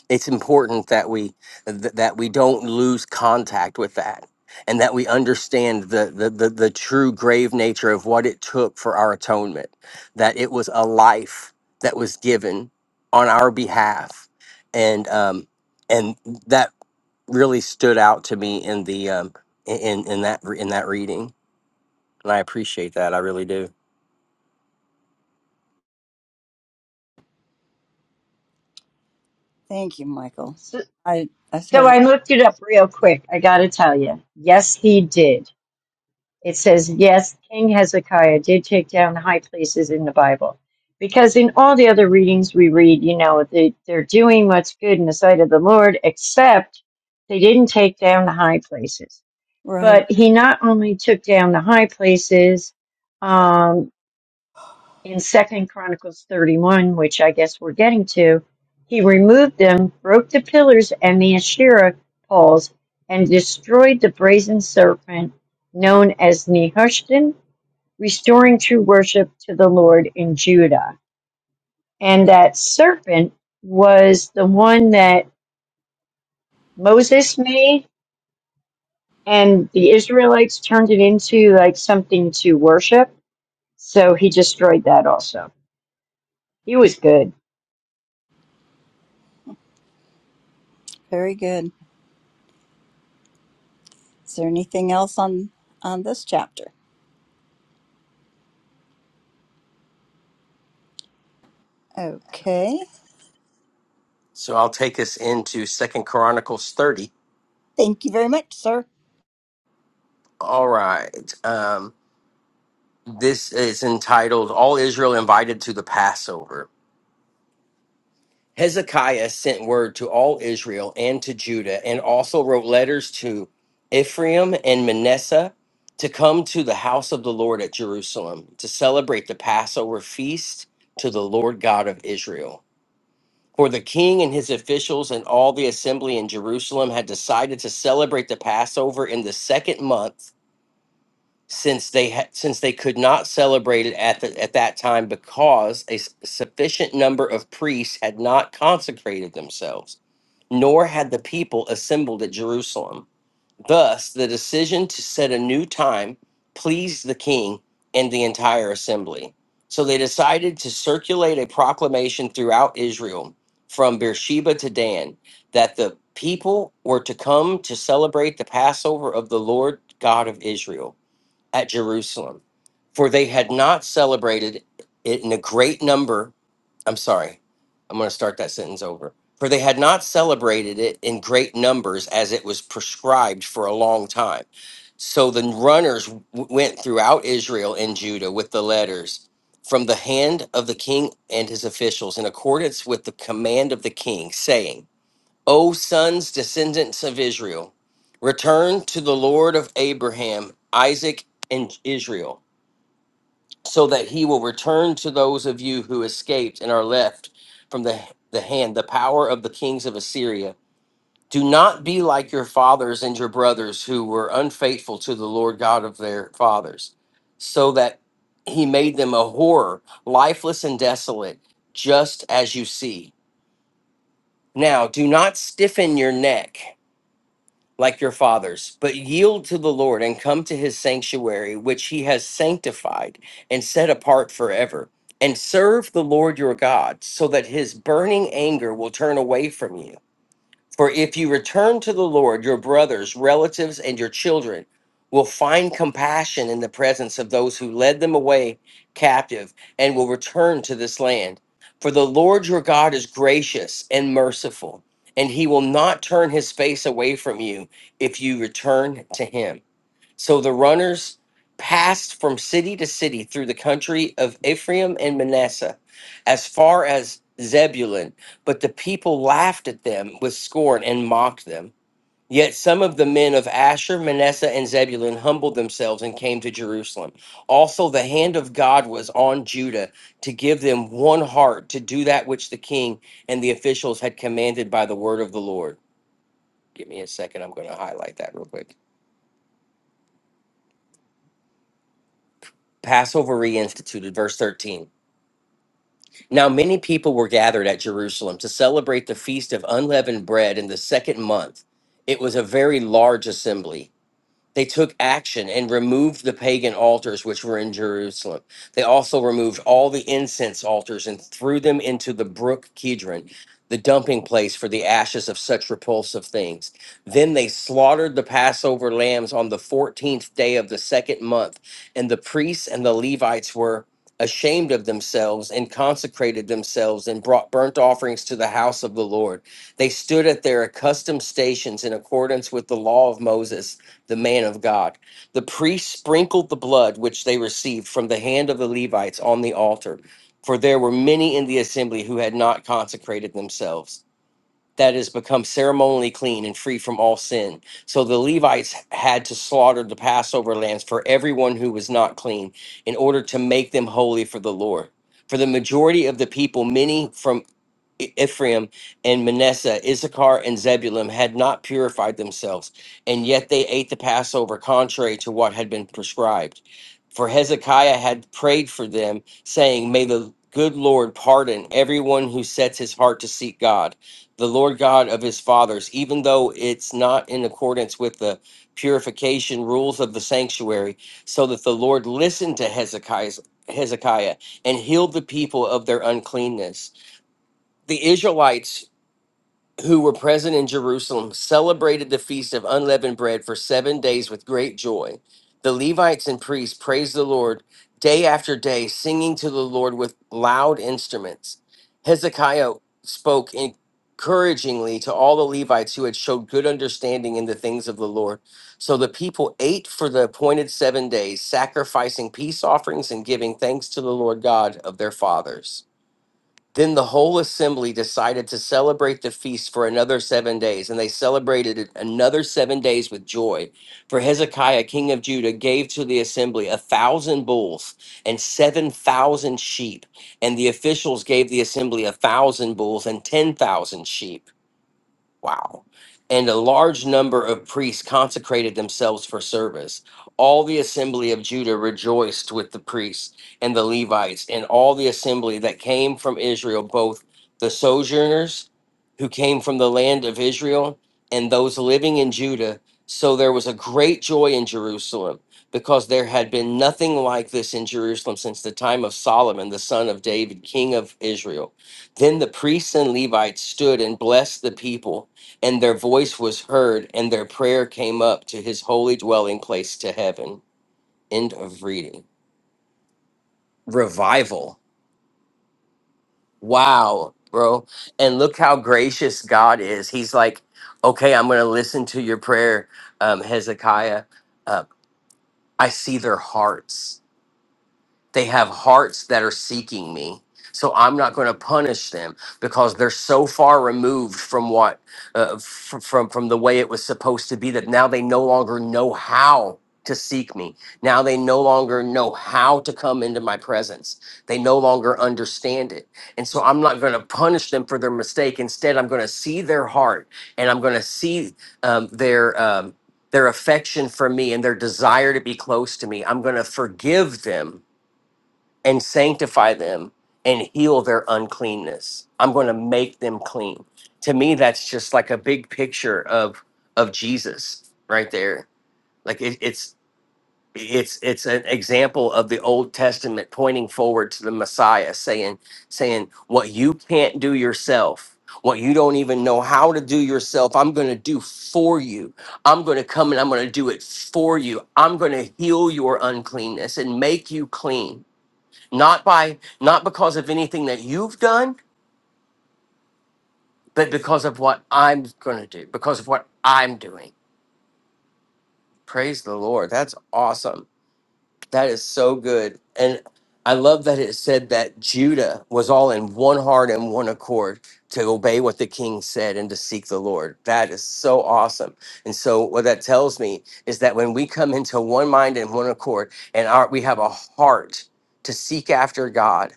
S5: it's important that we th- that we don't lose contact with that and that we understand the, the the the true grave nature of what it took for our atonement that it was a life that was given on our behalf and um and that really stood out to me in the um in in that in that reading and i appreciate that i really do
S1: Thank you, Michael.
S4: So,
S1: I I
S4: so
S1: totally
S4: I looked it up real quick. I got to tell you, yes, he did. It says, yes, King Hezekiah did take down the high places in the Bible. Because in all the other readings we read, you know, they, they're doing what's good in the sight of the Lord, except they didn't take down the high places.
S1: right.
S4: But he not only took down the high places um, in Second Chronicles 31, which I guess we're getting to, he removed them, broke the pillars and the Asherah poles, and destroyed the brazen serpent known as Nehushtan restoring true worship to the Lord in Judah. And that serpent was the one that Moses made, and the Israelites turned it into like something to worship. So he destroyed that also. He was good.
S1: Very good. Is there anything else on on this chapter? Okay.
S5: So I'll take us into Second Chronicles 30.
S1: Thank you very much, sir.
S5: All right. Um, this is entitled All Israel Invited to the Passover. Hezekiah sent word to all Israel and to Judah, and also wrote letters to Ephraim and Manasseh to come to the house of the Lord at Jerusalem to celebrate the Passover feast to the Lord God of Israel. For the king and his officials and all the assembly in Jerusalem had decided to celebrate the Passover in the second month since they ha- since they could not celebrate it at the, at that time because a s- sufficient number of priests had not consecrated themselves nor had the people assembled at Jerusalem thus the decision to set a new time pleased the king and the entire assembly so they decided to circulate a proclamation throughout Israel from Beersheba to Dan that the people were to come to celebrate the Passover of the Lord God of Israel at Jerusalem, for they had not celebrated it in a great number. I'm sorry, I'm going to start that sentence over. For they had not celebrated it in great numbers as it was prescribed for a long time. So the runners w- went throughout Israel and Judah with the letters from the hand of the king and his officials in accordance with the command of the king, saying, O sons, descendants of Israel, return to the Lord of Abraham, Isaac, and Israel, so that he will return to those of you who escaped and are left from the, the hand, the power of the kings of Assyria. Do not be like your fathers and your brothers who were unfaithful to the Lord God of their fathers, so that he made them a horror, lifeless and desolate, just as you see. Now, do not stiffen your neck like your fathers, but yield to the Lord and come to his sanctuary, which he has sanctified and set apart forever, and serve the Lord your God, so that his burning anger will turn away from you for if you return to the Lord, your brothers, relatives, and your children will find compassion in the presence of those who led them away captive and will return to this land. For the Lord your God is gracious and merciful, and he will not turn his face away from you if you return to him. So the runners passed from city to city through the country of Ephraim and Manasseh, as far as Zebulun, but the people laughed at them with scorn and mocked them. Yet some of the men of Asher, Manasseh, and Zebulun humbled themselves and came to Jerusalem. Also, the hand of God was on Judah to give them one heart to do that which the king and the officials had commanded by the word of the Lord. Give me a second. I'm going to highlight that real quick. Passover reinstituted, verse 13. Now, many people were gathered at Jerusalem to celebrate the feast of unleavened bread in the second month. It was a very large assembly. They took action and removed the pagan altars which were in Jerusalem. They also removed all the incense altars and threw them into the brook Kidron, the dumping place for the ashes of such repulsive things. Then they slaughtered the Passover lambs on the 14th day of the second month, and the priests and the Levites were ashamed of themselves and consecrated themselves and brought burnt offerings to the house of the Lord. They stood at their accustomed stations in accordance with the law of Moses the man of God. The priests sprinkled the blood which they received from the hand of the Levites on the altar, for there were many in the assembly who had not consecrated themselves. That is, become ceremonially clean and free from all sin. So the Levites had to slaughter the Passover lambs for everyone who was not clean in order to make them holy for the Lord. For the majority of the people, many from E- Ephraim and Manasseh, Issachar and Zebulun had not purified themselves, and yet they ate the Passover contrary to what had been prescribed. For Hezekiah had prayed for them, saying, May the good Lord pardon everyone who sets his heart to seek God, the Lord God of his fathers, even though it's not in accordance with the purification rules of the sanctuary, so that the Lord listened to Hezekiah's, Hezekiah and healed the people of their uncleanness. The Israelites who were present in Jerusalem celebrated the feast of unleavened bread for seven days with great joy. The Levites and priests praised the Lord day after day, singing to the Lord with loud instruments. Hezekiah spoke encouragingly to all the Levites who had showed good understanding in the things of the Lord. So the people ate for the appointed seven days, sacrificing peace offerings and giving thanks to the Lord God of their fathers. Then the whole assembly decided to celebrate the feast for another seven days, and they celebrated it another seven days with joy. For Hezekiah, king of Judah, gave to the assembly a thousand bulls and seven thousand sheep, and the officials gave the assembly a thousand bulls and ten thousand sheep. Wow. And a large number of priests consecrated themselves for service. All the assembly of Judah rejoiced with the priests and the Levites, and all the assembly that came from Israel, both the sojourners who came from the land of Israel and those living in Judah. So there was a great joy in Jerusalem because there had been nothing like this in Jerusalem since the time of Solomon, the son of David, king of Israel. Then the priests and Levites stood and blessed the people and their voice was heard, and their prayer came up to his holy dwelling place to heaven. End of reading. Revival. Wow, bro. And look how gracious God is. He's like, okay, I'm going to listen to your prayer, um, Hezekiah. Uh, I see their hearts. They have hearts that are seeking me. So I'm not going to punish them because they're so far removed from what uh, f- from from the way it was supposed to be that now they no longer know how to seek me. Now they no longer know how to come into my presence. They no longer understand it. And so I'm not going to punish them for their mistake. Instead, I'm going to see their heart and I'm going to see um, their um, their affection for me and their desire to be close to me. I'm going to forgive them and sanctify them and heal their uncleanness. I'm going to make them clean. To me, that's just like a big picture of of Jesus right there. Like it, it's it's it's an example of the Old Testament pointing forward to the Messiah, saying saying what you can't do yourself. What you don't even know how to do yourself, I'm going to do for you. I'm going to come and I'm going to do it for you. I'm going to heal your uncleanness and make you clean not by not because of anything that you've done but because of what i'm going to do because of what i'm doing praise the lord that's awesome that is so good and i love that it said that judah was all in one heart and one accord to obey what the king said and to seek the lord that is so awesome and so what that tells me is that when we come into one mind and one accord and our, we have a heart to seek after god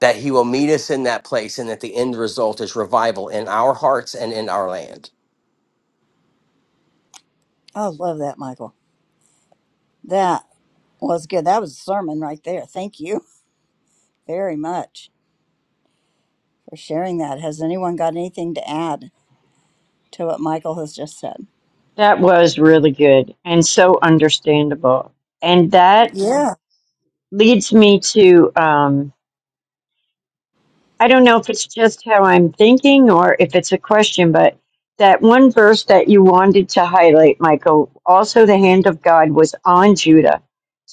S5: that he will meet us in that place and that the end result is revival in our hearts and in our land.
S1: I love that, Michael. That was good. That was a sermon right there. Thank you very much for sharing that. Has anyone got anything to add to what Michael has just said?
S4: That was really good and so understandable. And that
S1: Yeah,
S4: leads me to um, I don't know if it's just how I'm thinking or if it's a question, but that one verse that you wanted to highlight, Michael, also the hand of God was on Judah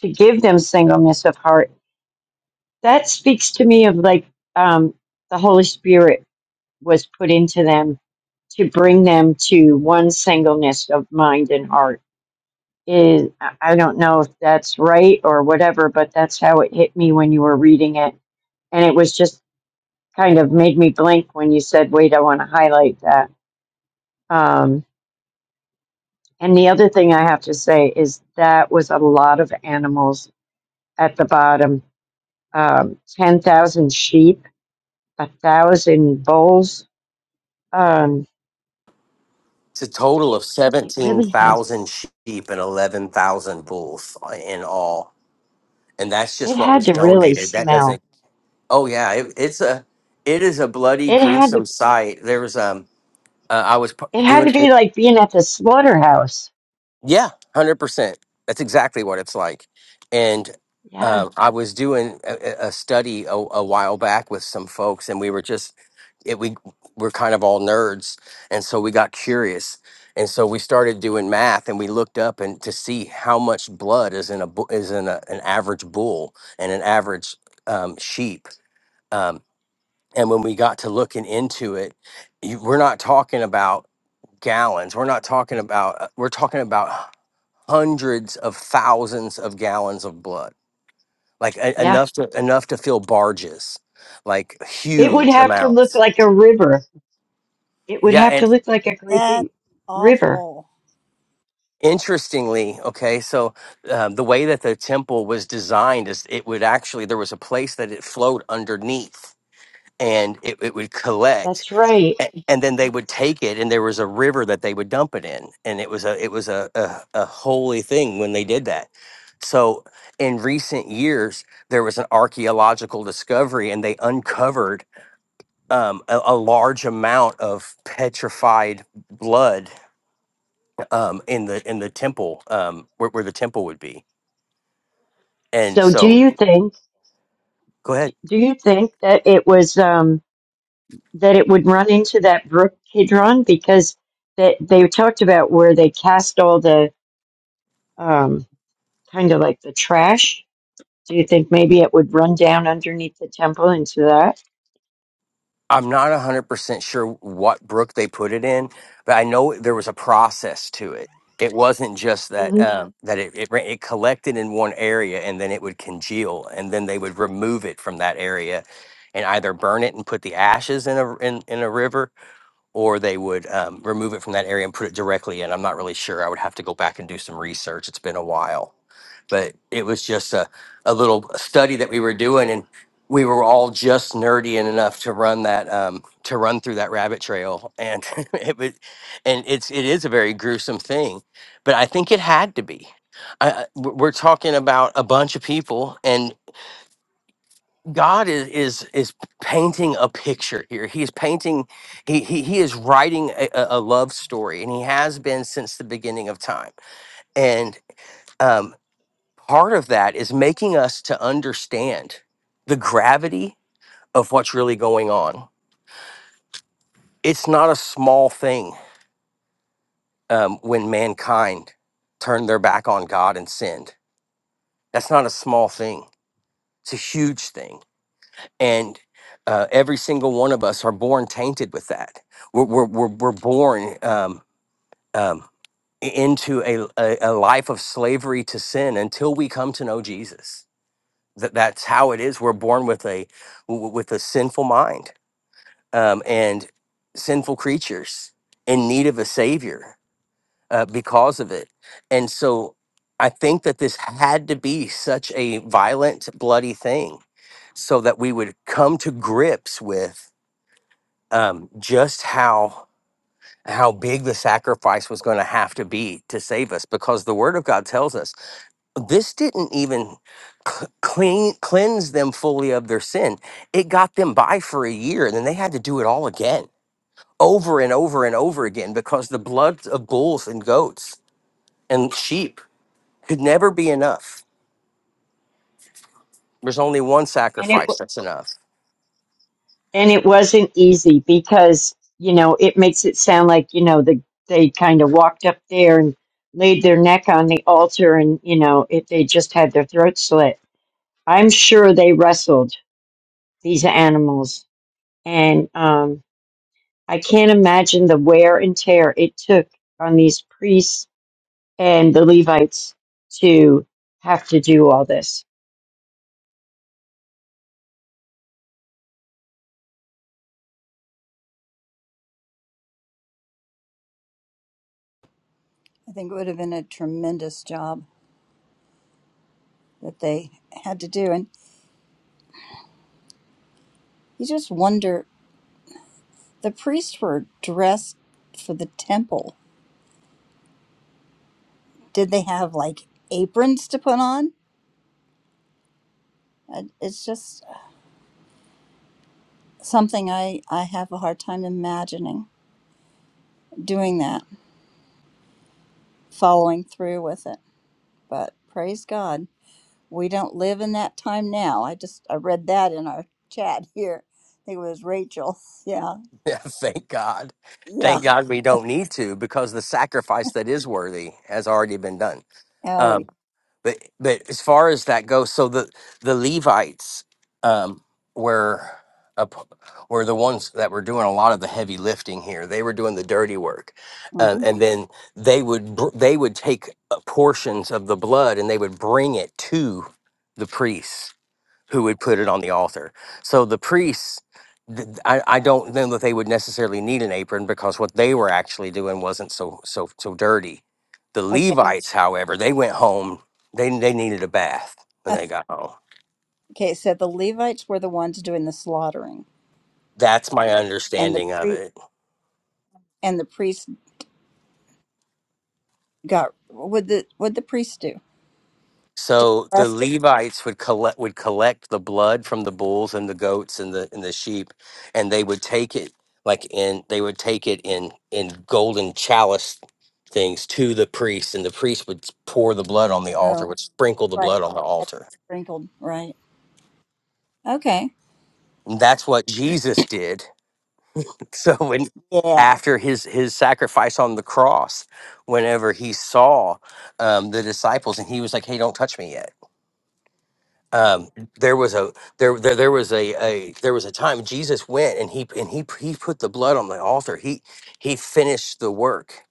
S4: to give them singleness of heart. That speaks to me of like um, the Holy Spirit was put into them to bring them to one singleness of mind and heart. Is I I don't know if that's right or whatever, but that's how it hit me when you were reading it, and it was just kind of made me blink when you said, wait, I want to highlight that. Um, and the other thing I have to say is that was a lot of animals at the bottom um, 10,000 sheep, a 1,000 bulls. Um,
S5: It's a total of
S4: it really had to,
S5: 17,000
S4: s-
S5: sheep and 11,000 bulls in all. And that's
S4: it
S5: just what
S4: had
S5: was
S4: to really
S5: donated. That
S4: smell.
S5: doesn't, oh yeah, it, it's a, it is a bloody
S4: It had
S5: gruesome
S4: to,
S5: sight. There was, um, uh, I was p-
S4: it had
S5: doing,
S4: to be like being at the slaughterhouse.
S5: Yeah, one hundred percent. That's exactly what it's like. And
S4: Yeah.
S5: um, I was doing a, a a study a, a while back with some folks, and we were just it, we were kind of all nerds, and so we got curious, and so we started doing math, and we looked up and to see how much blood is in a bu- is in a, an average bull and an average um, sheep. Um, and when we got to looking into it, you, we're not talking about gallons. We're not talking about. uh, We're talking about hundreds of thousands of gallons of blood, like e-
S4: Yeah.
S5: enough to enough to fill barges, like
S4: It would
S5: huge
S4: have to look
S5: amounts.
S4: like a river. It would
S5: Yeah,
S4: have to
S5: and
S4: look like a great big
S1: that's
S4: river.
S1: awful.
S5: interestingly, okay, so um, the way that the temple was designed is it would actually there was a place that it flowed underneath, and it, it would collect.
S4: That's right.
S5: A- and then they would take it and there was a river that they would dump it in and it was a it was a a, a holy thing when they did that so in recent years there was an archaeological discovery and they uncovered um, a, a large amount of petrified blood um, in the in the temple um, where, where the temple would be and
S4: So do
S5: so
S4: you think
S5: go ahead
S4: do you think that it was um that it would run into that brook Kidron because that they talked about where they cast all the um kind of like the trash? Do you think maybe it would run down underneath the temple into that?
S5: I'm not 100% sure what brook they put it in, but I know there was a process to it. It wasn't just that
S4: hmm
S5: um, that it, it ra- it collected in one area and then it would congeal and then they would remove it from that area and either burn it and put the ashes in a in, in a river or they would um, remove it from that area and put it directly in. I'm not really sure. I would have to go back and do some research. It's been a while but it was just a, a little study that we were doing and we were all just nerdy enough to run that um, to run through that rabbit trail and it was and it's it is a very gruesome thing but i think it had to be I, I- we're we're talking about a bunch of people and god is is is painting a picture here he is painting he he, he is writing a, a a love story and he has been since the beginning of time and um, part of that is making us to understand the gravity of what's really going on. It's not a small thing um, when mankind turned their back on God and sinned. That's not a small thing, it's a huge thing. And uh, every single one of us are born tainted with that. We're, we're, we're, we're born um, um, into a, a, a life of slavery to sin until we come to know Jesus. that that's how it is. We're born with a w- with a sinful mind um, and sinful creatures in need of a savior uh, because of it. And so, I think that this had to be such a violent, bloody thing, so that we would come to grips with um, just how how big the sacrifice was going to have to be to save us because the word of god tells us this didn't even cl- clean cleanse them fully of their sin. It got them by for a year, and then they had to do it all again, over and over and over again, because the blood of bulls and goats and sheep could never be enough. There's only one
S4: And it
S5: sacrifice
S4: w-
S5: that's enough.
S4: and it wasn't easy because you know it makes it sound like you know the they kind of walked up there and laid their neck on the altar and you know if they just had their throat slit. I'm sure they wrestled these animals. And um, I can't imagine the wear and tear it took on these priests and the Levites to have to do all this.
S1: I think it would have been a tremendous job that they had to do. And you just wonder The priests were dressed for the temple. Did they have like aprons to put on? Uh, It's just something I, I have a hard time imagining doing that, following through with it. But praise God, we don't live in that time now. I just I read that in our chat here. I think it was Rachel. Yeah,
S5: Yeah, thank God.
S1: yeah.
S5: Thank God we don't need to because the sacrifice that is worthy has already been done.
S1: Oh,
S5: Um,
S1: yeah.
S5: But but as far as that goes, so the the Levites um, were up, were the ones that were doing a lot of the heavy lifting here. They were doing the dirty work, uh,
S1: hmm
S5: and then they would br- they would take uh, portions of the blood and they would bring it to the priests who would put it on the altar. So the priests, th- I, I don't know that they would necessarily need an apron because what they were actually doing wasn't so so so dirty. The
S1: okay.
S5: Levites, however, they went home. They they needed a bath when they got home.
S1: Okay, so the Levites were the ones doing the slaughtering,
S5: That's my
S1: and the
S5: understanding of
S1: pri-
S5: it.
S1: and the priests got Would the would the priest do? Just
S5: So the
S1: left it.
S5: Levites would collect would collect the blood from the bulls and the goats and the and the sheep, and they would take it like in they would take it in in golden chalice things to the priest, and the priest would pour the blood on the altar,
S1: Oh,
S5: would sprinkle the
S1: right.
S5: blood on the
S1: Had
S5: altar.
S1: Sprinkled, right? Okay.
S5: And that's what Jesus did. So when
S1: Yeah,
S5: after his his sacrifice on the cross, whenever he saw um, the disciples, and he was like, "Hey, don't touch me yet." um, there was a there, there there was a, a there was a time Jesus went and he and he he put the blood on the altar. He he finished the work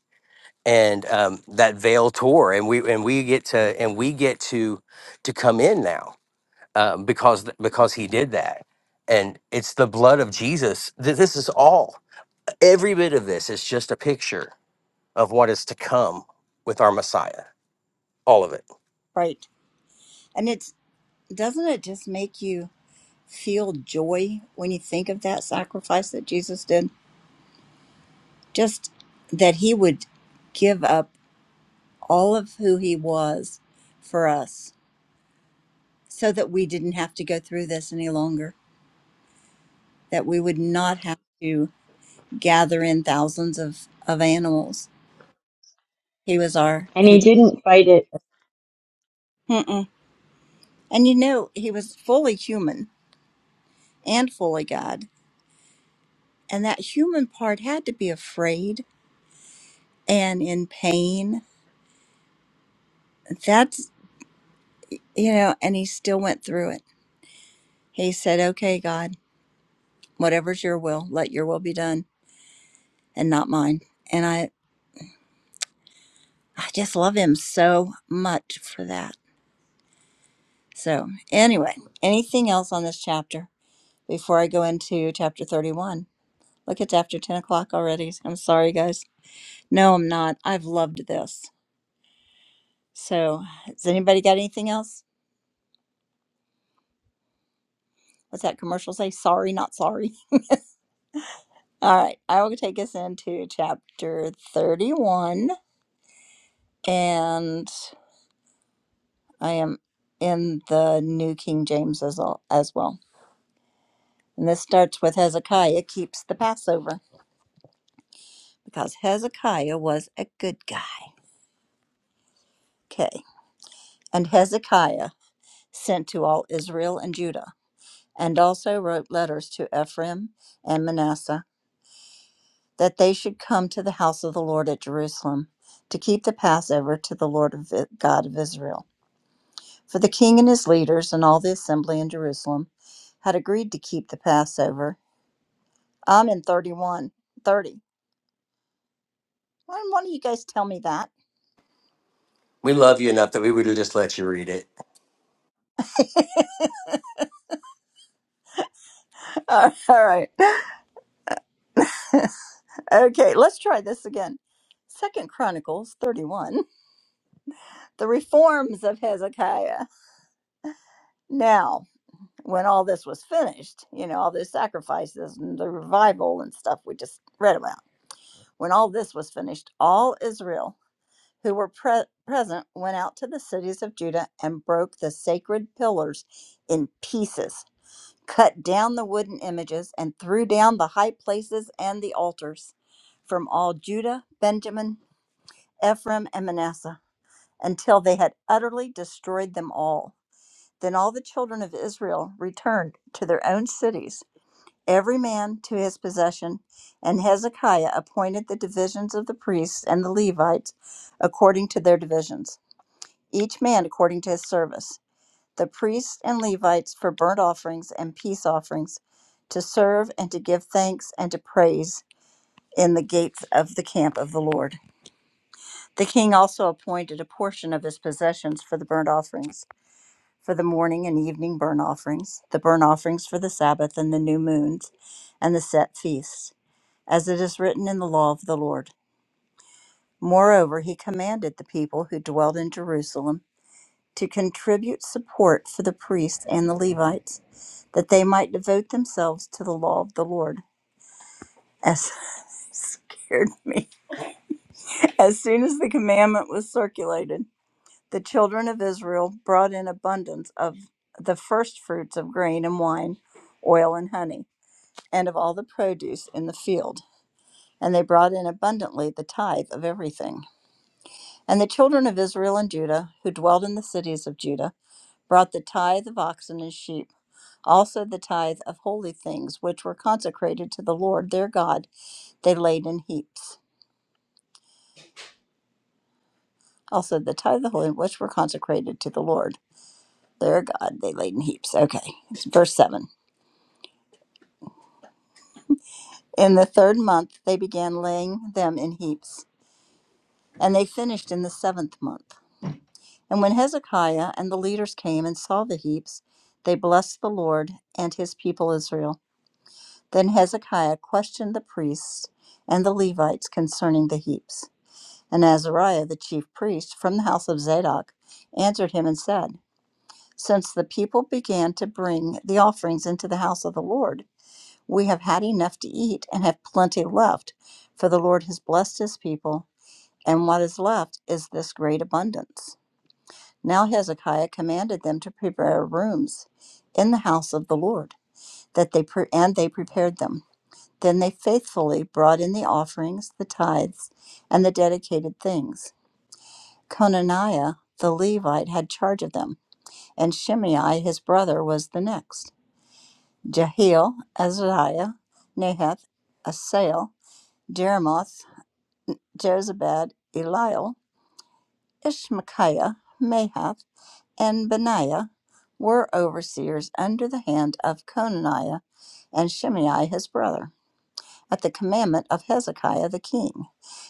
S5: and um, that veil tore and we and we get to and we get to to come in now um, because th- because he did that and it's the blood of Jesus. Th- This is all every bit of this is just a picture of what is to come with our Messiah. All of it.
S1: right. And it's doesn't it just make you feel joy when you think of that sacrifice that Jesus did? Just that he would give up all of who he was for us so that we didn't have to go through this any longer, that we would not have to gather in thousands of, of animals. He was our
S4: And he
S1: he.
S4: didn't fight it.
S1: And you know, he was fully human and fully God. And that human part had to be afraid and in pain. That's, you know, and he still went through it. He said, Okay, God, whatever's your will, let your will be done and not mine. And I, I just love him so much for that. So, anyway, anything else on this chapter before I go into chapter 31? Look, it's after 10 o'clock already. I'm sorry, guys. No, I'm not. I've loved this. So, has anybody got anything else? What's that commercial say? Sorry, not sorry. All right, I will take us into chapter 31, and I am in the New King James as, al- as well. And this starts with Hezekiah keeps the Passover because Hezekiah was a good guy. Okay. And Hezekiah sent to all Israel and Judah, and also wrote letters to Ephraim and Manasseh that they should come to the house of the Lord at Jerusalem to keep the Passover to the Lord of God of Israel. For the king and his leaders and all the assembly in Jerusalem had agreed to keep the Passover. I'm in 31, 30. Why why don't you guys tell me that?
S5: We love you enough that we would have just let you read it.
S1: All right. Okay, let's try this again. Second Chronicles 31, the reforms of Hezekiah. Now, when all this was finished, you know, all those sacrifices and the revival and stuff we just read about. When all this was finished, all Israel who were pre- present went out to the cities of Judah and broke the sacred pillars in pieces, cut down the wooden images, and threw down the high places and the altars from all Judah, Benjamin, Ephraim, and Manasseh until they had utterly destroyed them all. Then all the children of Israel returned to their own cities every man to his possession. And Hezekiah appointed the divisions of the priests and the Levites according to their divisions, each man according to his service. The priests and Levites for burnt offerings and peace offerings, to serve and to give thanks and to praise in the gates of the camp of the Lord. The king also appointed a portion of his possessions for the burnt offerings, for the morning and evening burnt offerings, the burnt offerings for the Sabbath and the new moons, and the set feasts as it is written in the law of the Lord. Moreover, he commanded the people who dwelt in Jerusalem to contribute support for the priests and the Levites, that they might devote themselves to the law of the Lord. As scared me. As soon as the commandment was circulated, the children of Israel brought in abundance of the first fruits of grain and wine, oil and honey, and of all the produce in the field. And they brought in abundantly the tithe of everything. And the children of Israel and Judah, who dwelt in the cities of Judah, brought the tithe of oxen and sheep, also the tithe of holy things which were consecrated to the Lord their God, they laid in heaps. Also the tithe of the holy which were consecrated to the Lord their God, they laid in heaps. Okay, verse 7. In the third month they began laying them in heaps, and they finished in the seventh month. And when Hezekiah and the leaders came and saw the heaps, they blessed the Lord and his people Israel. Then Hezekiah questioned the priests and the Levites concerning the heaps. And Azariah the chief priest from the house of Zadok answered him and said, Since the people began to bring the offerings into the house of the Lord, we have had enough to eat and have plenty left, for the Lord has blessed his people, and what is left is this great abundance. Now Hezekiah commanded them to prepare rooms in the house of the Lord, that they pre- and they prepared them. Then they faithfully brought in the offerings, the tithes, and the dedicated things. Conaniah the Levite had charge of them, and Shimei his brother was the next. Jehiel, Azariah, Nahath, Asael, Jeremoth, Jozabad, Eliel, Ishmachiah, Mahath, and Benaiah were overseers under the hand of Conaniah and Shimei his brother. at the commandment of Hezekiah the king,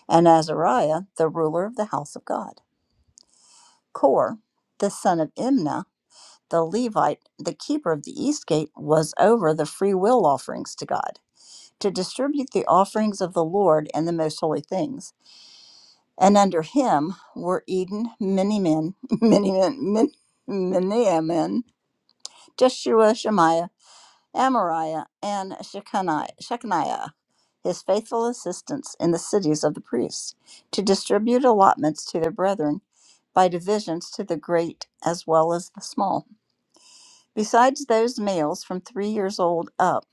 S1: and Azariah the ruler of the house of God. Kor, the son of Imnah, the Levite, the keeper of the east gate, was over the free will offerings to God, to distribute the offerings of the Lord and the most holy things. And under him were Eden, many men, many men, Miniamin, Jeshua, Shemaiah, Amariah, and Shechaniah, his faithful assistants in the cities of the priests, to distribute allotments to their brethren by divisions to the great as well as the small. Besides those males from three years old up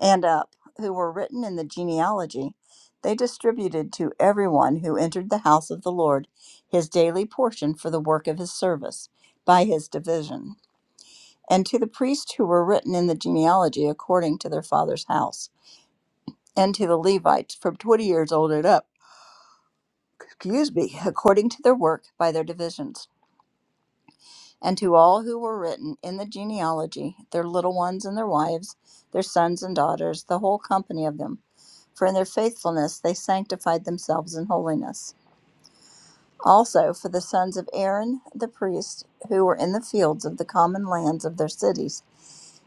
S1: and up who were written in the genealogy, they distributed to everyone who entered the house of the Lord his daily portion for the work of his service by his division and to the priests who were written in the genealogy according to their father's house, and to the Levites from twenty years old and up, excuse me, according to their work by their divisions, and to all who were written in the genealogy, their little ones and their wives, their sons and daughters, the whole company of them. For in their faithfulness they sanctified themselves in holiness. Also for the sons of Aaron the priest who were in the fields of the common lands of their cities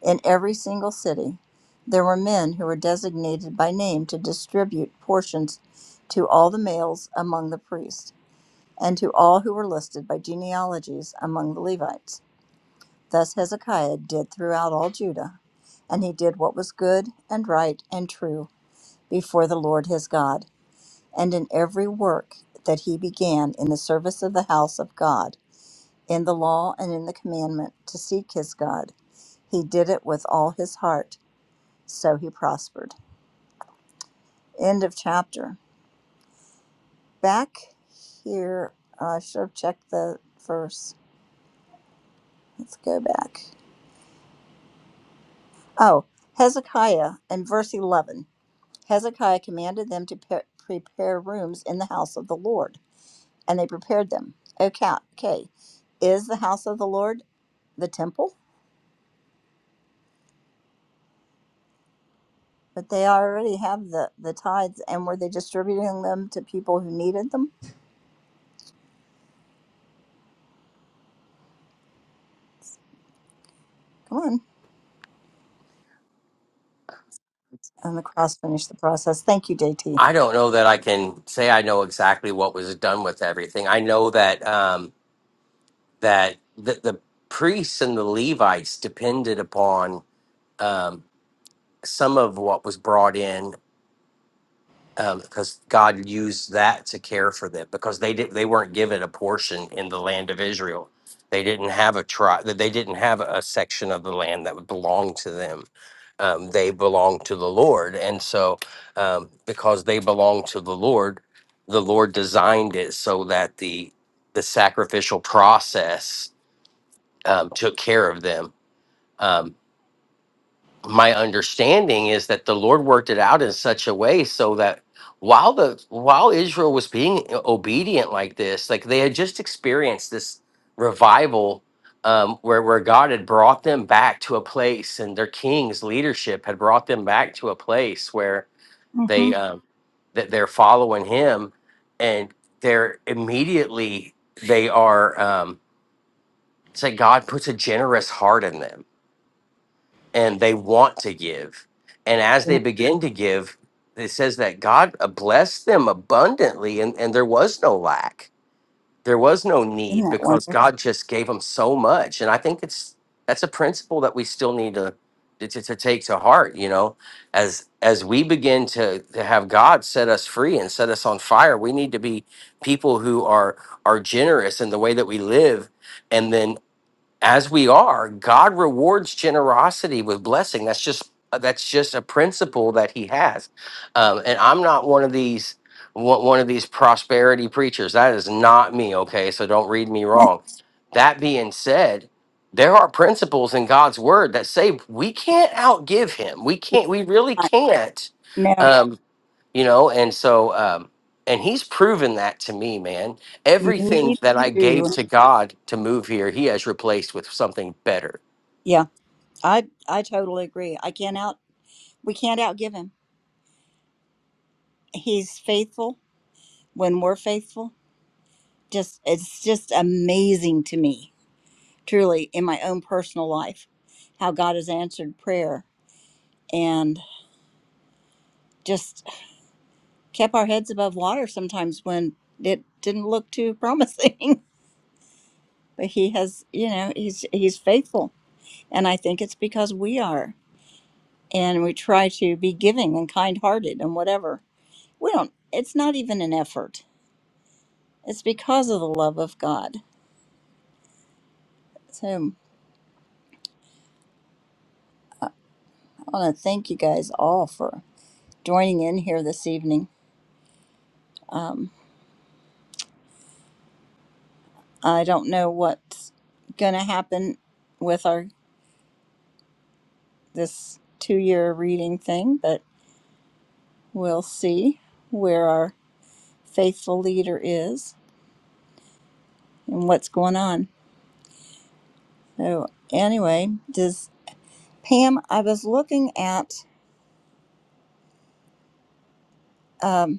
S1: In every single city, there were men who were designated by name to distribute portions to all the males among the priests, and to all who were listed by genealogies among the Levites. Thus Hezekiah did throughout all Judah, and he did what was good and right and true before the Lord his God, and in every work that he began in the service of the house of God, in the law and in the commandment to seek his God. He did it with all his heart so he prospered. End of chapter. Back here, uh, I should have checked the verse. Let's go back. Oh, Hezekiah in verse 11. Hezekiah commanded them to pre- prepare rooms in the house of the Lord, and they prepared them. Okay, okay. Is the house of the Lord the temple? But they already have the, the tithes, and were they distributing them to people who needed them? Come on. And the cross finished the process. Thank you, JT.
S5: I don't know that I can say I know exactly what was done with everything. I know that um, that the, the priests and the Levites depended upon um, some of what was brought in because God used that to care for them because they did they weren't given a portion in the land of Israel. They didn't have a tribe they didn't have a section of the land that would belong to them. Um, they belonged to the Lord, and so um, because they belonged to the Lord, the Lord designed it so that the the sacrificial process um, took care of them. Um, my understanding is that the Lord worked it out in such a way so that while the while Israel was being obedient like this, like they had just experienced this revival um, where where God had brought them back to a place, and their king's leadership had brought them back to a place where
S1: Mm-hmm.
S5: they um, that they're following Him, and they're immediately they are um, say God puts a generous heart in them and they want to give. And as they begin to give, it says that God uh, blessed them abundantly and, and there was no lack. There was no
S1: In
S5: need
S1: that one.
S5: because God just gave them so much. And I think it's that's a principle that we still need to to, to take to heart, you know, as as we begin to, to have God set us free and set us on fire, we need to be people who are are generous in the way that we live and then as we are god rewards generosity with blessing that's just uh, that's just a principle that he has um, and i'm not one of these one one of these prosperity preachers that is not me okay so don't read me wrong that being said there are principles in god's word that say we can't outgive him we can't we really can't
S1: No,
S5: um, you know and so um and he's proven that to me man everything
S1: me
S5: that i
S1: too.
S5: gave to god to move here he has replaced with something better
S1: Yeah, I I totally agree. I can't out we can't outgive him. He's faithful when we're faithful. Just it's just amazing to me, truly, in my own personal life, how God has answered prayer and just kept our heads above water sometimes when it didn't look too promising. But he has, you know, he's he's faithful, and I think it's because we are. and we try to be giving and kind-hearted and whatever. We don't. It's not even an effort. It's because of the love of God. So um, I want to thank you guys all for joining in here this evening. Um, I don't know what's going to happen with our this two-year reading thing, but we'll see where our faithful leader is and what's going on. So anyway, does Pam? I was looking at. um,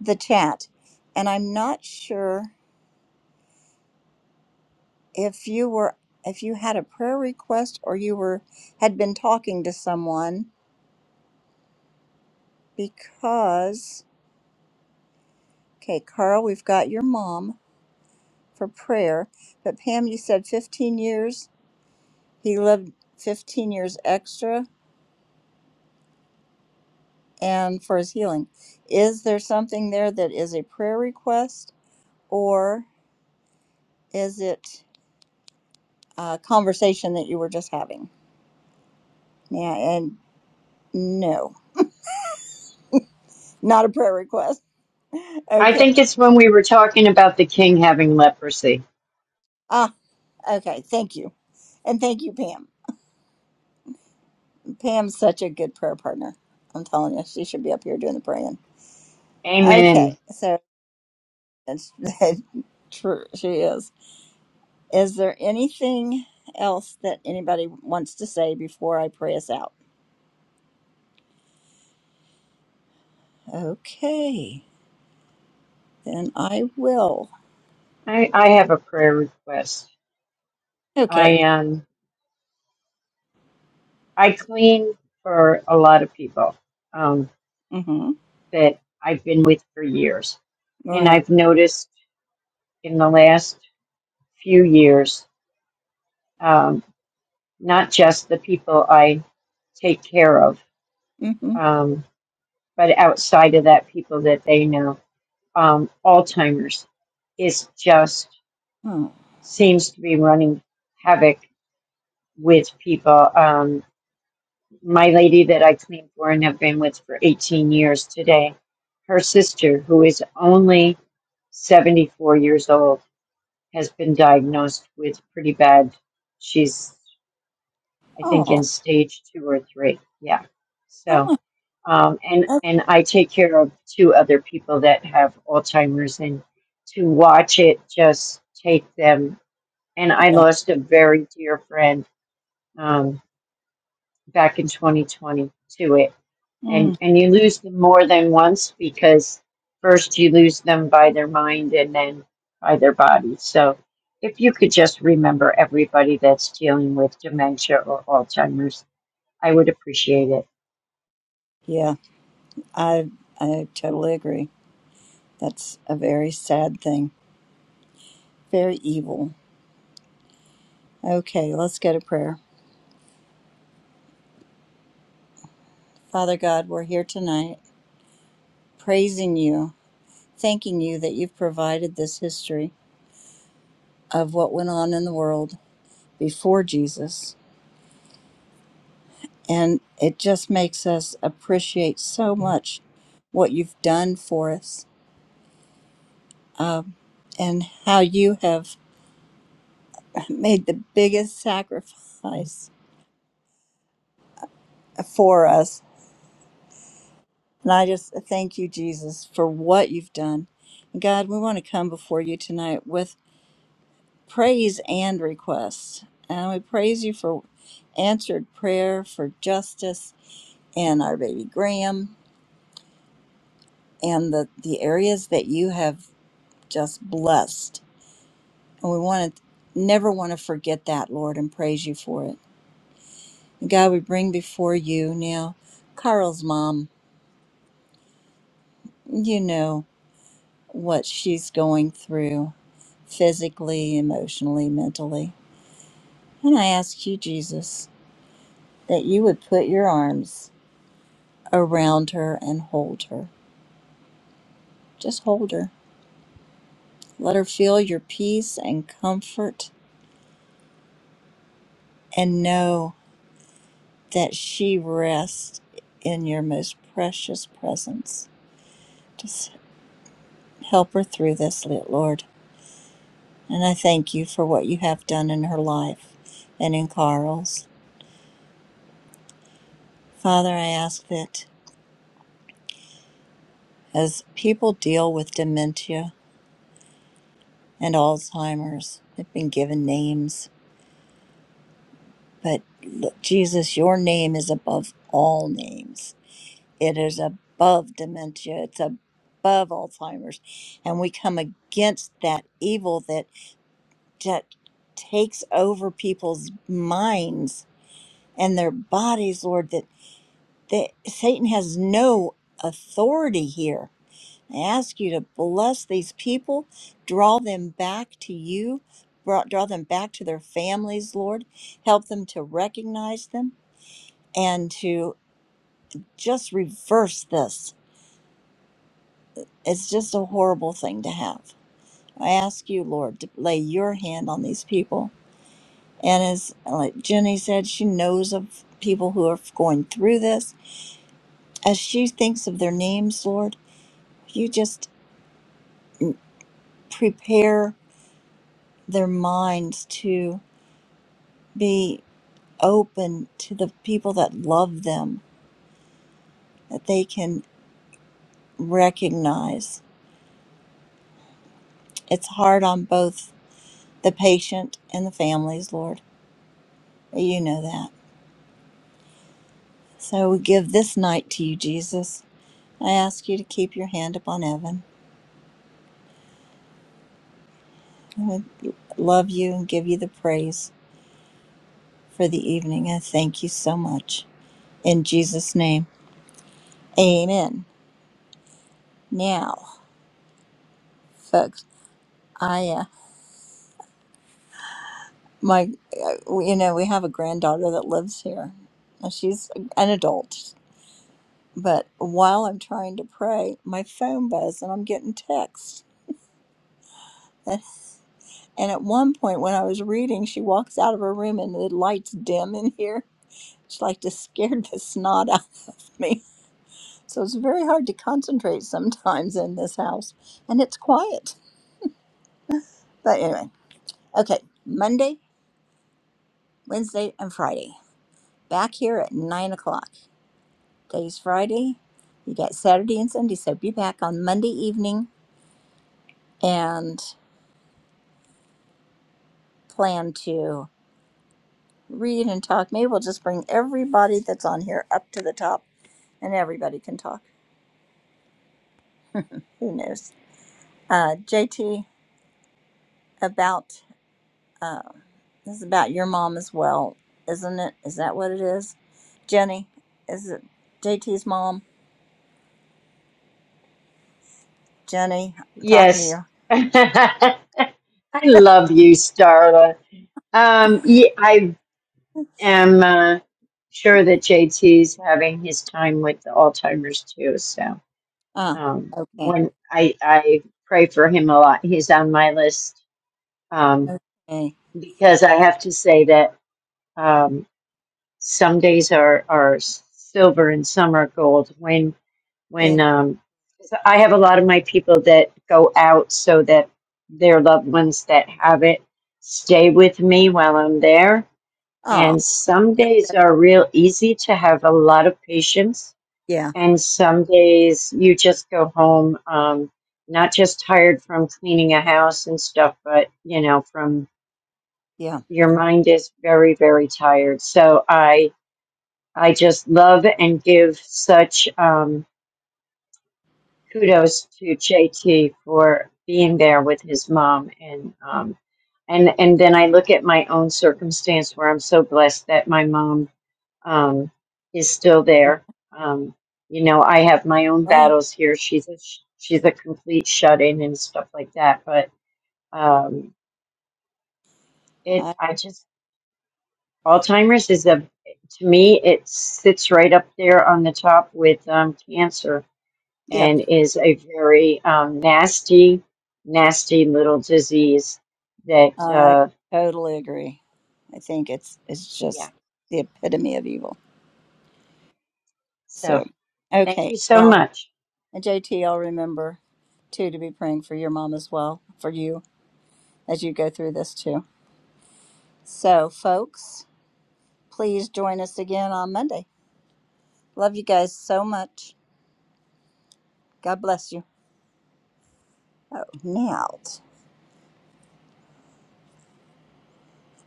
S1: the chat and i'm not sure if you were if you had a prayer request or you were had been talking to someone because okay carl we've got your mom for prayer but pam you said 15 years he lived 15 years extra and for his healing is there something there that is a prayer request or is it a conversation that you were just having yeah and no not a prayer request
S4: I
S1: Okay.
S4: think it's when we were talking about the king having leprosy.
S1: Ah, okay. Thank you. And thank you, Pam. Pam's such a good prayer partner. I'm telling you, she should be up here doing the praying.
S4: Amen.
S1: Okay. So that's true. She is. Is there anything else that anybody wants to say before I pray us out? Okay. Then I will.
S4: I, I have a prayer request.
S1: Okay.
S4: I um I clean for a lot of people um,
S1: Mm-hmm.
S4: that I've been with for years,
S1: All
S4: and
S1: right.
S4: I've noticed in the last few years um, not just the people I take care of,
S1: Mm-hmm.
S4: um, but outside of that, people that they know. Um, Alzheimer's is just
S1: Oh.
S4: seems to be running havoc with people. Um, my lady that I clean for and have been with for 18 years today, her sister, who is only 74 years old, has been diagnosed with pretty bad. She's, I think,
S1: Oh.
S4: in stage two or three. Yeah. So
S1: Oh.
S4: Um, and
S1: that's-
S4: and I take care of two other people that have Alzheimer's, and to watch it just take them. And I
S1: Yeah.
S4: lost a very dear friend um, back in 2020 to it.
S1: Mm.
S4: And and you lose them more than once because first you lose them by their mind and then by their body. So if you could just remember everybody that's dealing with dementia or Alzheimer's, I would appreciate it.
S1: Yeah. I I totally agree. That's a very sad thing. very evil. Okay, let's go to prayer. Father God, we're here tonight praising you, thanking you that you've provided this history of what went on in the world before Jesus. And it just makes us appreciate so much what you've done for us um, and how you have made the biggest sacrifice for us. And I just thank you, Jesus, for what you've done. God, we want to come before you tonight with praise and requests. And we praise you for answered prayer, for justice, and our baby Graham, and the, the areas that you have just blessed. And we want to never want to forget that, Lord, and praise you for it. And God, we bring before you now Carl's mom. You know what she's going through physically, emotionally, mentally. And I ask you, Jesus, that you would put your arms around her and hold her. Just hold her. Let her feel your peace and comfort and know that she rests in your most precious presence. Just help her through this, Lord. And I thank you for what you have done in her life and in Carl's. Father, I ask that as people deal with dementia and Alzheimer's, they've been given names, but look, Jesus, your name is above all names it is above dementia it's above alzheimer's and we come against that evil that that takes over people's minds and their bodies lord that, that satan has no authority here i ask you to bless these people draw them back to you draw draw them back to their families lord help them to recognize them and to just reverse this It's just a horrible thing to have. I ask you, Lord, to lay your hand on these people. And as like Jenny said, she knows of people who are going through this. As she thinks of their names, Lord, you just prepare their minds to be open to the people that love them, that they can recognize. It's hard on both the patient and the families, Lord. You know that. So we give this night to you, Jesus I ask you to keep your hand upon Evan. I would love you and give you the praise for the evening. I thank you so much. In Jesus' name, amen. Now, folks, I, uh, my, uh, you know, we have a granddaughter that lives here. Now, She's an adult, but while I'm trying to pray, my phone buzzes and I'm getting texts. And at one point, when I was reading, she walks out of her room and the lights dim in here. She like just scared the snot out of me So it's very hard to concentrate sometimes in this house, and it's quiet. But anyway, okay, Monday, Wednesday, and Friday. Back here at nine o'clock. Today's Friday. You got Saturday and Sunday, so be back on Monday evening and plan to read and talk. Maybe we'll just bring everybody that's on here up to the top and everybody can talk. Who knows? Uh, JT, about Uh, this is about your mom as well, isn't it? Is that what it is? Jenny, is it JT's mom? Jenny, I'm talking
S4: Yes.
S1: to
S4: I love you, Starla. Um, yeah, I
S1: you.
S4: am uh, sure that JT's having his time with the Alzheimer's too. So
S1: Ah,
S4: um,
S1: okay.
S4: when I, I pray for him a lot, he's on my list um,
S1: Okay.
S4: because I have to say that um, some days are, are silver and some are gold. when
S1: And,
S4: um, 'cause I have a lot of my people that go out so that their loved ones that have it stay with me while I'm there.
S1: oh,
S4: And some days
S1: that-
S4: are real easy to have a lot of patience,
S1: yeah,
S4: and some days you just go home, um, not just tired from cleaning a house and stuff, but you know, from
S1: yeah.
S4: your mind is very, very tired. So I, I just love and give such. Um, kudos to JT for being there with his mom and um and and then I look at my own circumstance where I'm so blessed that my mom um is still there. Um you know, I have my own
S1: Right.
S4: battles here. She's a sh- she's a complete shut-in and stuff like that, but um it
S1: I,
S4: I just Alzheimer's is a to me it sits right up there on the top with um cancer
S1: yeah,
S4: and is a very um, nasty, nasty little disease that,
S1: I
S4: uh,
S1: totally agree. I think it's it's
S4: yeah.
S1: just the epitome of evil. So,
S4: So thank
S1: okay.
S4: you so
S1: Well,
S4: much.
S1: and JT, I'll remember too to be praying for your mom as well, for you as you go through this too. So, folks, please join us again on Monday. Love you guys so much. God bless you. Oh, now,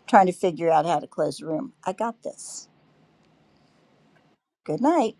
S1: trying to figure out how to close the room. I got this. Good night.